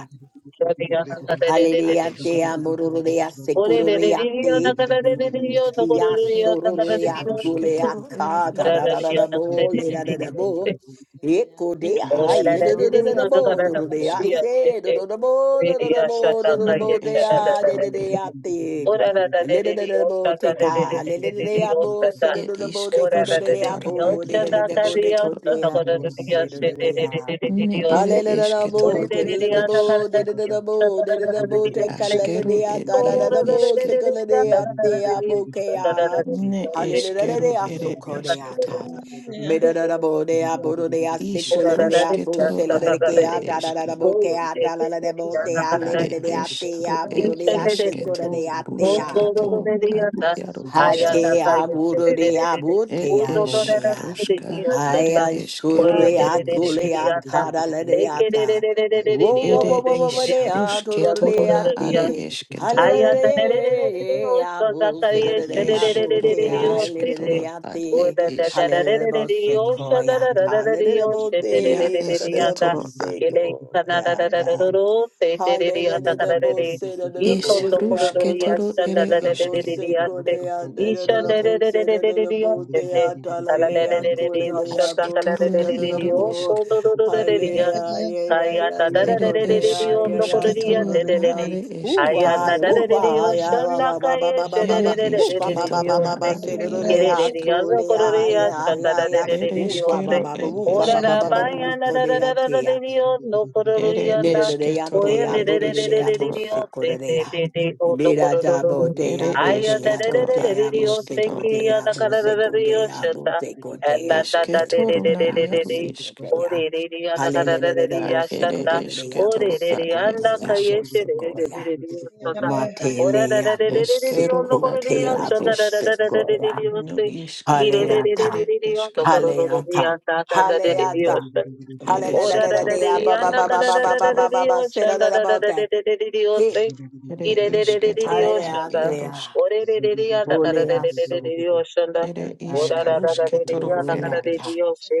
S5: da da dee dee dee
S8: Ad
S5: dee.
S1: Halereate
S8: ishkero.
S1: amorurea
S5: Oh, dee
S8: Ishk.
S5: dee dee dee, da
S1: securureate.
S5: da da dee dee dee, da da da
S1: Utia
S5: dee,
S8: Ed
S5: da da
S8: ishk
S5: dee
S1: sorurea
S5: dee dee.
S1: culea
S8: rushketoro ere
S1: ca da
S5: Da
S1: da
S8: iaru
S5: da
S1: da da
S5: dee,
S8: ishk.
S1: da
S5: da da dee
S1: bo le
S5: dee
S1: da da
S5: dee
S1: da bo.
S5: dee.
S1: Eco
S8: Ed
S3: Zugu
S5: Oh,
S1: dea
S5: da da
S1: ye
S5: da
S1: da da
S8: eshketoro
S1: da
S5: dee,
S1: da da
S8: ed
S5: da da
S1: bo
S5: da
S1: da
S8: iaru
S1: da
S5: dee,
S1: dea
S8: ishk.
S5: she dee dee dee
S1: se da
S5: dee.
S1: da da bo
S5: Dee
S1: da da da
S5: dee, she
S1: bo da da da
S8: Ne
S1: bo
S5: da da
S1: dea
S5: da
S1: de
S8: eshketoro
S1: de
S8: e ed.
S5: dee.
S1: deate.
S5: Ora da da de
S1: Le da
S5: de
S1: da
S5: de
S1: da bo
S5: osta da
S1: te
S5: de de de
S1: ka
S5: de
S1: le le
S5: de
S1: le
S5: de de
S1: dea bo
S5: osta
S1: se
S5: da.
S1: da da
S8: It
S1: da
S8: is
S1: bo de co
S5: Ora
S1: da
S5: da
S1: da
S5: de de
S1: dea
S5: de
S8: Karuskatara
S1: bo
S8: ad
S1: de
S5: osta
S1: da da
S8: ere
S5: da
S1: da
S5: ka
S1: bo
S5: de
S1: de co
S8: eshketoro
S5: osta da
S1: dea
S5: ka da
S1: bo
S5: de de
S1: se da
S5: osta
S1: da
S5: de de
S1: dea.
S5: de de de de de
S8: Ne
S5: osta.
S8: ere
S1: Hallelujah,
S8: eske toro
S5: Ore de de
S8: ed
S5: de osta ka da
S8: es.
S1: dedidabo,
S5: de osta da
S1: dedidabo,
S5: da da de
S1: dedidabo,
S5: de osta.
S8: Askero
S1: tekalaladea,
S8: ed
S5: Koro
S8: iaro
S5: da da da
S1: tadadadabo,
S5: de
S8: iske.
S5: de de da da
S1: sikaladea,
S5: da da de de osta da da da
S1: teabokea.
S5: de de
S8: Ne
S5: osta.
S8: eskero
S1: Hallelujah,
S8: ere eske
S1: sokodeata.
S8: toro ad.
S1: Medadadabo, deaboro, dea,
S5: Ora da da
S1: sikoladea,
S5: de
S8: Ishkaruske
S5: de
S8: toro
S5: osta da
S8: ad
S5: da da
S8: ere
S5: de
S1: poseladekea,
S8: eske.
S5: Ko
S1: tadadadabokea,
S5: este de de
S1: de
S5: da
S1: dea,
S5: ka da
S8: Are
S1: ledadea,
S8: eskaru ed
S1: teaboro, dea,
S8: eske to
S1: sikoladea,
S3: Zugu
S8: ruske
S1: tea.
S8: to ad iaro iske.
S4: Yeah.
S1: Hatea Mururia
S8: Ed
S1: Mutea
S8: es
S1: Mutea.
S8: ruska are
S1: Haya
S8: eskero ed
S1: Sururia
S8: iska.
S1: Gulea Karalanata. Wo wo wo
S8: Ere
S1: wo wo wo
S8: is
S1: dea
S8: ruske torona are
S1: Tururiati.
S8: eske toro
S5: Ayanda
S1: Hallelujah,
S8: ad
S1: Busidea
S8: ish ro ere
S1: Butea,
S8: eske toro ad
S1: Liliati.
S8: ed isk.
S1: Hallelujah, Bosequoia, Hallelujah,
S8: Ia
S1: Bote,
S8: esketoro a.
S1: Godadabose, Goya, Hallelujah. Bose, the
S8: Is
S1: Bose, Abba,
S8: rusketoro
S1: Seda,
S8: ere
S1: the
S8: eske.
S1: Bose, Codea, the Bose, the Botea, Talalea, Colelea, Bose,
S8: Asketoro na
S1: the
S3: Zugada
S8: iaro
S1: Bo,
S8: isk.
S1: Halea, Yea,
S5: Aya da
S1: Yea,
S5: da
S1: Yea,
S5: da da da
S8: Ere
S5: da da da
S8: es
S1: Codea,
S5: yo no ko da
S1: Yea,
S5: di ya da
S8: rusketoro
S5: da da
S8: na
S1: Sodea,
S5: da.
S8: are
S5: Aya
S8: esketoro
S5: na
S1: Uwai,
S8: e.
S5: da da da da yo shanda
S1: Uwai,
S5: ka
S1: Baba,
S5: ye
S1: Baba,
S5: she da
S8: Ere
S5: da
S1: Baba,
S5: da da da
S1: Upa,
S5: da da da
S1: Baba,
S8: isketoro
S5: yo
S8: na
S1: Baba,
S5: se.
S8: are
S1: Seda,
S5: Ke
S1: the
S5: da da da
S8: iarusk.
S5: ya no ko da
S1: Atolea,
S5: di ya shanda da
S1: Yea,
S5: da
S1: Yea,
S5: da da da
S8: Ere
S5: da yo
S1: Upa,
S8: eskero
S5: se.
S1: Baba,
S8: ed
S1: Upa,
S5: Ora
S1: Baba,
S5: da
S1: Baba,
S5: ba
S8: esketoro a.
S5: ya na
S1: Upa,
S5: da da
S1: Dea,
S5: da da da da da
S1: Tea.
S5: yo no ko da di
S8: Ere
S5: ya
S1: Nera
S5: da.
S1: de dea
S5: Ko ye
S8: esketoro
S1: de
S5: da
S8: ed
S5: da
S1: abuda
S5: da
S1: de
S5: da da
S1: dea
S5: da da
S8: isketoro
S5: da
S8: a.
S5: yo
S1: boseco de
S5: se de
S1: dea.
S5: de de o no ko
S1: Nera
S5: da da da
S1: dabo
S5: da.
S1: de
S8: Ere
S1: abo
S5: Aya
S1: de
S5: da da
S1: ago
S5: da
S8: esketoro
S5: da da da
S1: de
S8: ad
S5: da yo se
S1: aboseco
S8: isketoro
S5: ki
S8: e.
S1: de
S5: ya na ka da da da
S1: aboseco
S5: da yo
S1: de
S5: shanda.
S1: aboteco de
S5: Ela da da da
S1: aboteco
S5: da
S8: Esketoro
S5: da
S1: de
S8: na
S5: da da da
S8: iaru
S5: da.
S1: aboseco
S8: isk.
S1: de
S5: Ore
S1: a.
S5: re re re ana kada re
S1: Hallelujah
S5: re
S1: de
S5: re
S8: Ad ere
S1: boseco de
S5: ashanda.
S1: dea
S5: Ore re
S8: esketoro
S5: re
S8: ad
S5: re
S1: boseco
S5: anda
S1: de
S8: ed
S3: Zugu
S5: kayeshe re re
S1: aboseco
S5: re re re
S1: ya.
S5: re osanda. Ora da da
S1: Matelea
S5: re re re re re
S8: Eskero
S5: ono
S1: boseco
S5: koro
S8: ad
S5: re
S1: de
S8: iaro
S5: ashanda da da
S8: isk.
S5: da da da
S1: aboseco
S5: re re re
S8: No
S5: osse. Ki re re
S8: isketoro
S5: re re
S1: ya.
S5: re
S8: are
S5: re re ono koro
S8: esketoro
S5: ro ro
S8: ad
S5: re
S1: Haleata.
S5: anda da re re
S1: Haleata.
S5: re
S8: ere
S5: Ora da da da
S8: esketoro
S5: de
S1: Hallelujah.
S8: ed
S1: Ba ba
S5: yanda
S1: ba
S8: ere
S1: ba
S5: kada
S1: ba
S5: da
S1: ba
S5: da
S1: ba
S5: da da
S8: esketoro
S1: ba ba
S5: de
S1: ba. Say
S5: oshanda
S1: that
S5: da da
S1: about
S5: da
S1: that.
S5: de de de de de
S1: Hey.
S5: ose
S8: ere
S5: ire de de de de de
S8: isketoro ad
S5: oshanda
S1: Haleatea.
S8: iarusk
S5: ore de de de yanda kada da de de de
S1: Oleaso.
S5: de de oshanda
S8: ere
S5: ora
S8: isk
S5: da da da da de de
S8: rusketoro
S5: yanda
S8: ere
S5: kada de
S1: Goyata.
S5: de
S8: isk
S5: ose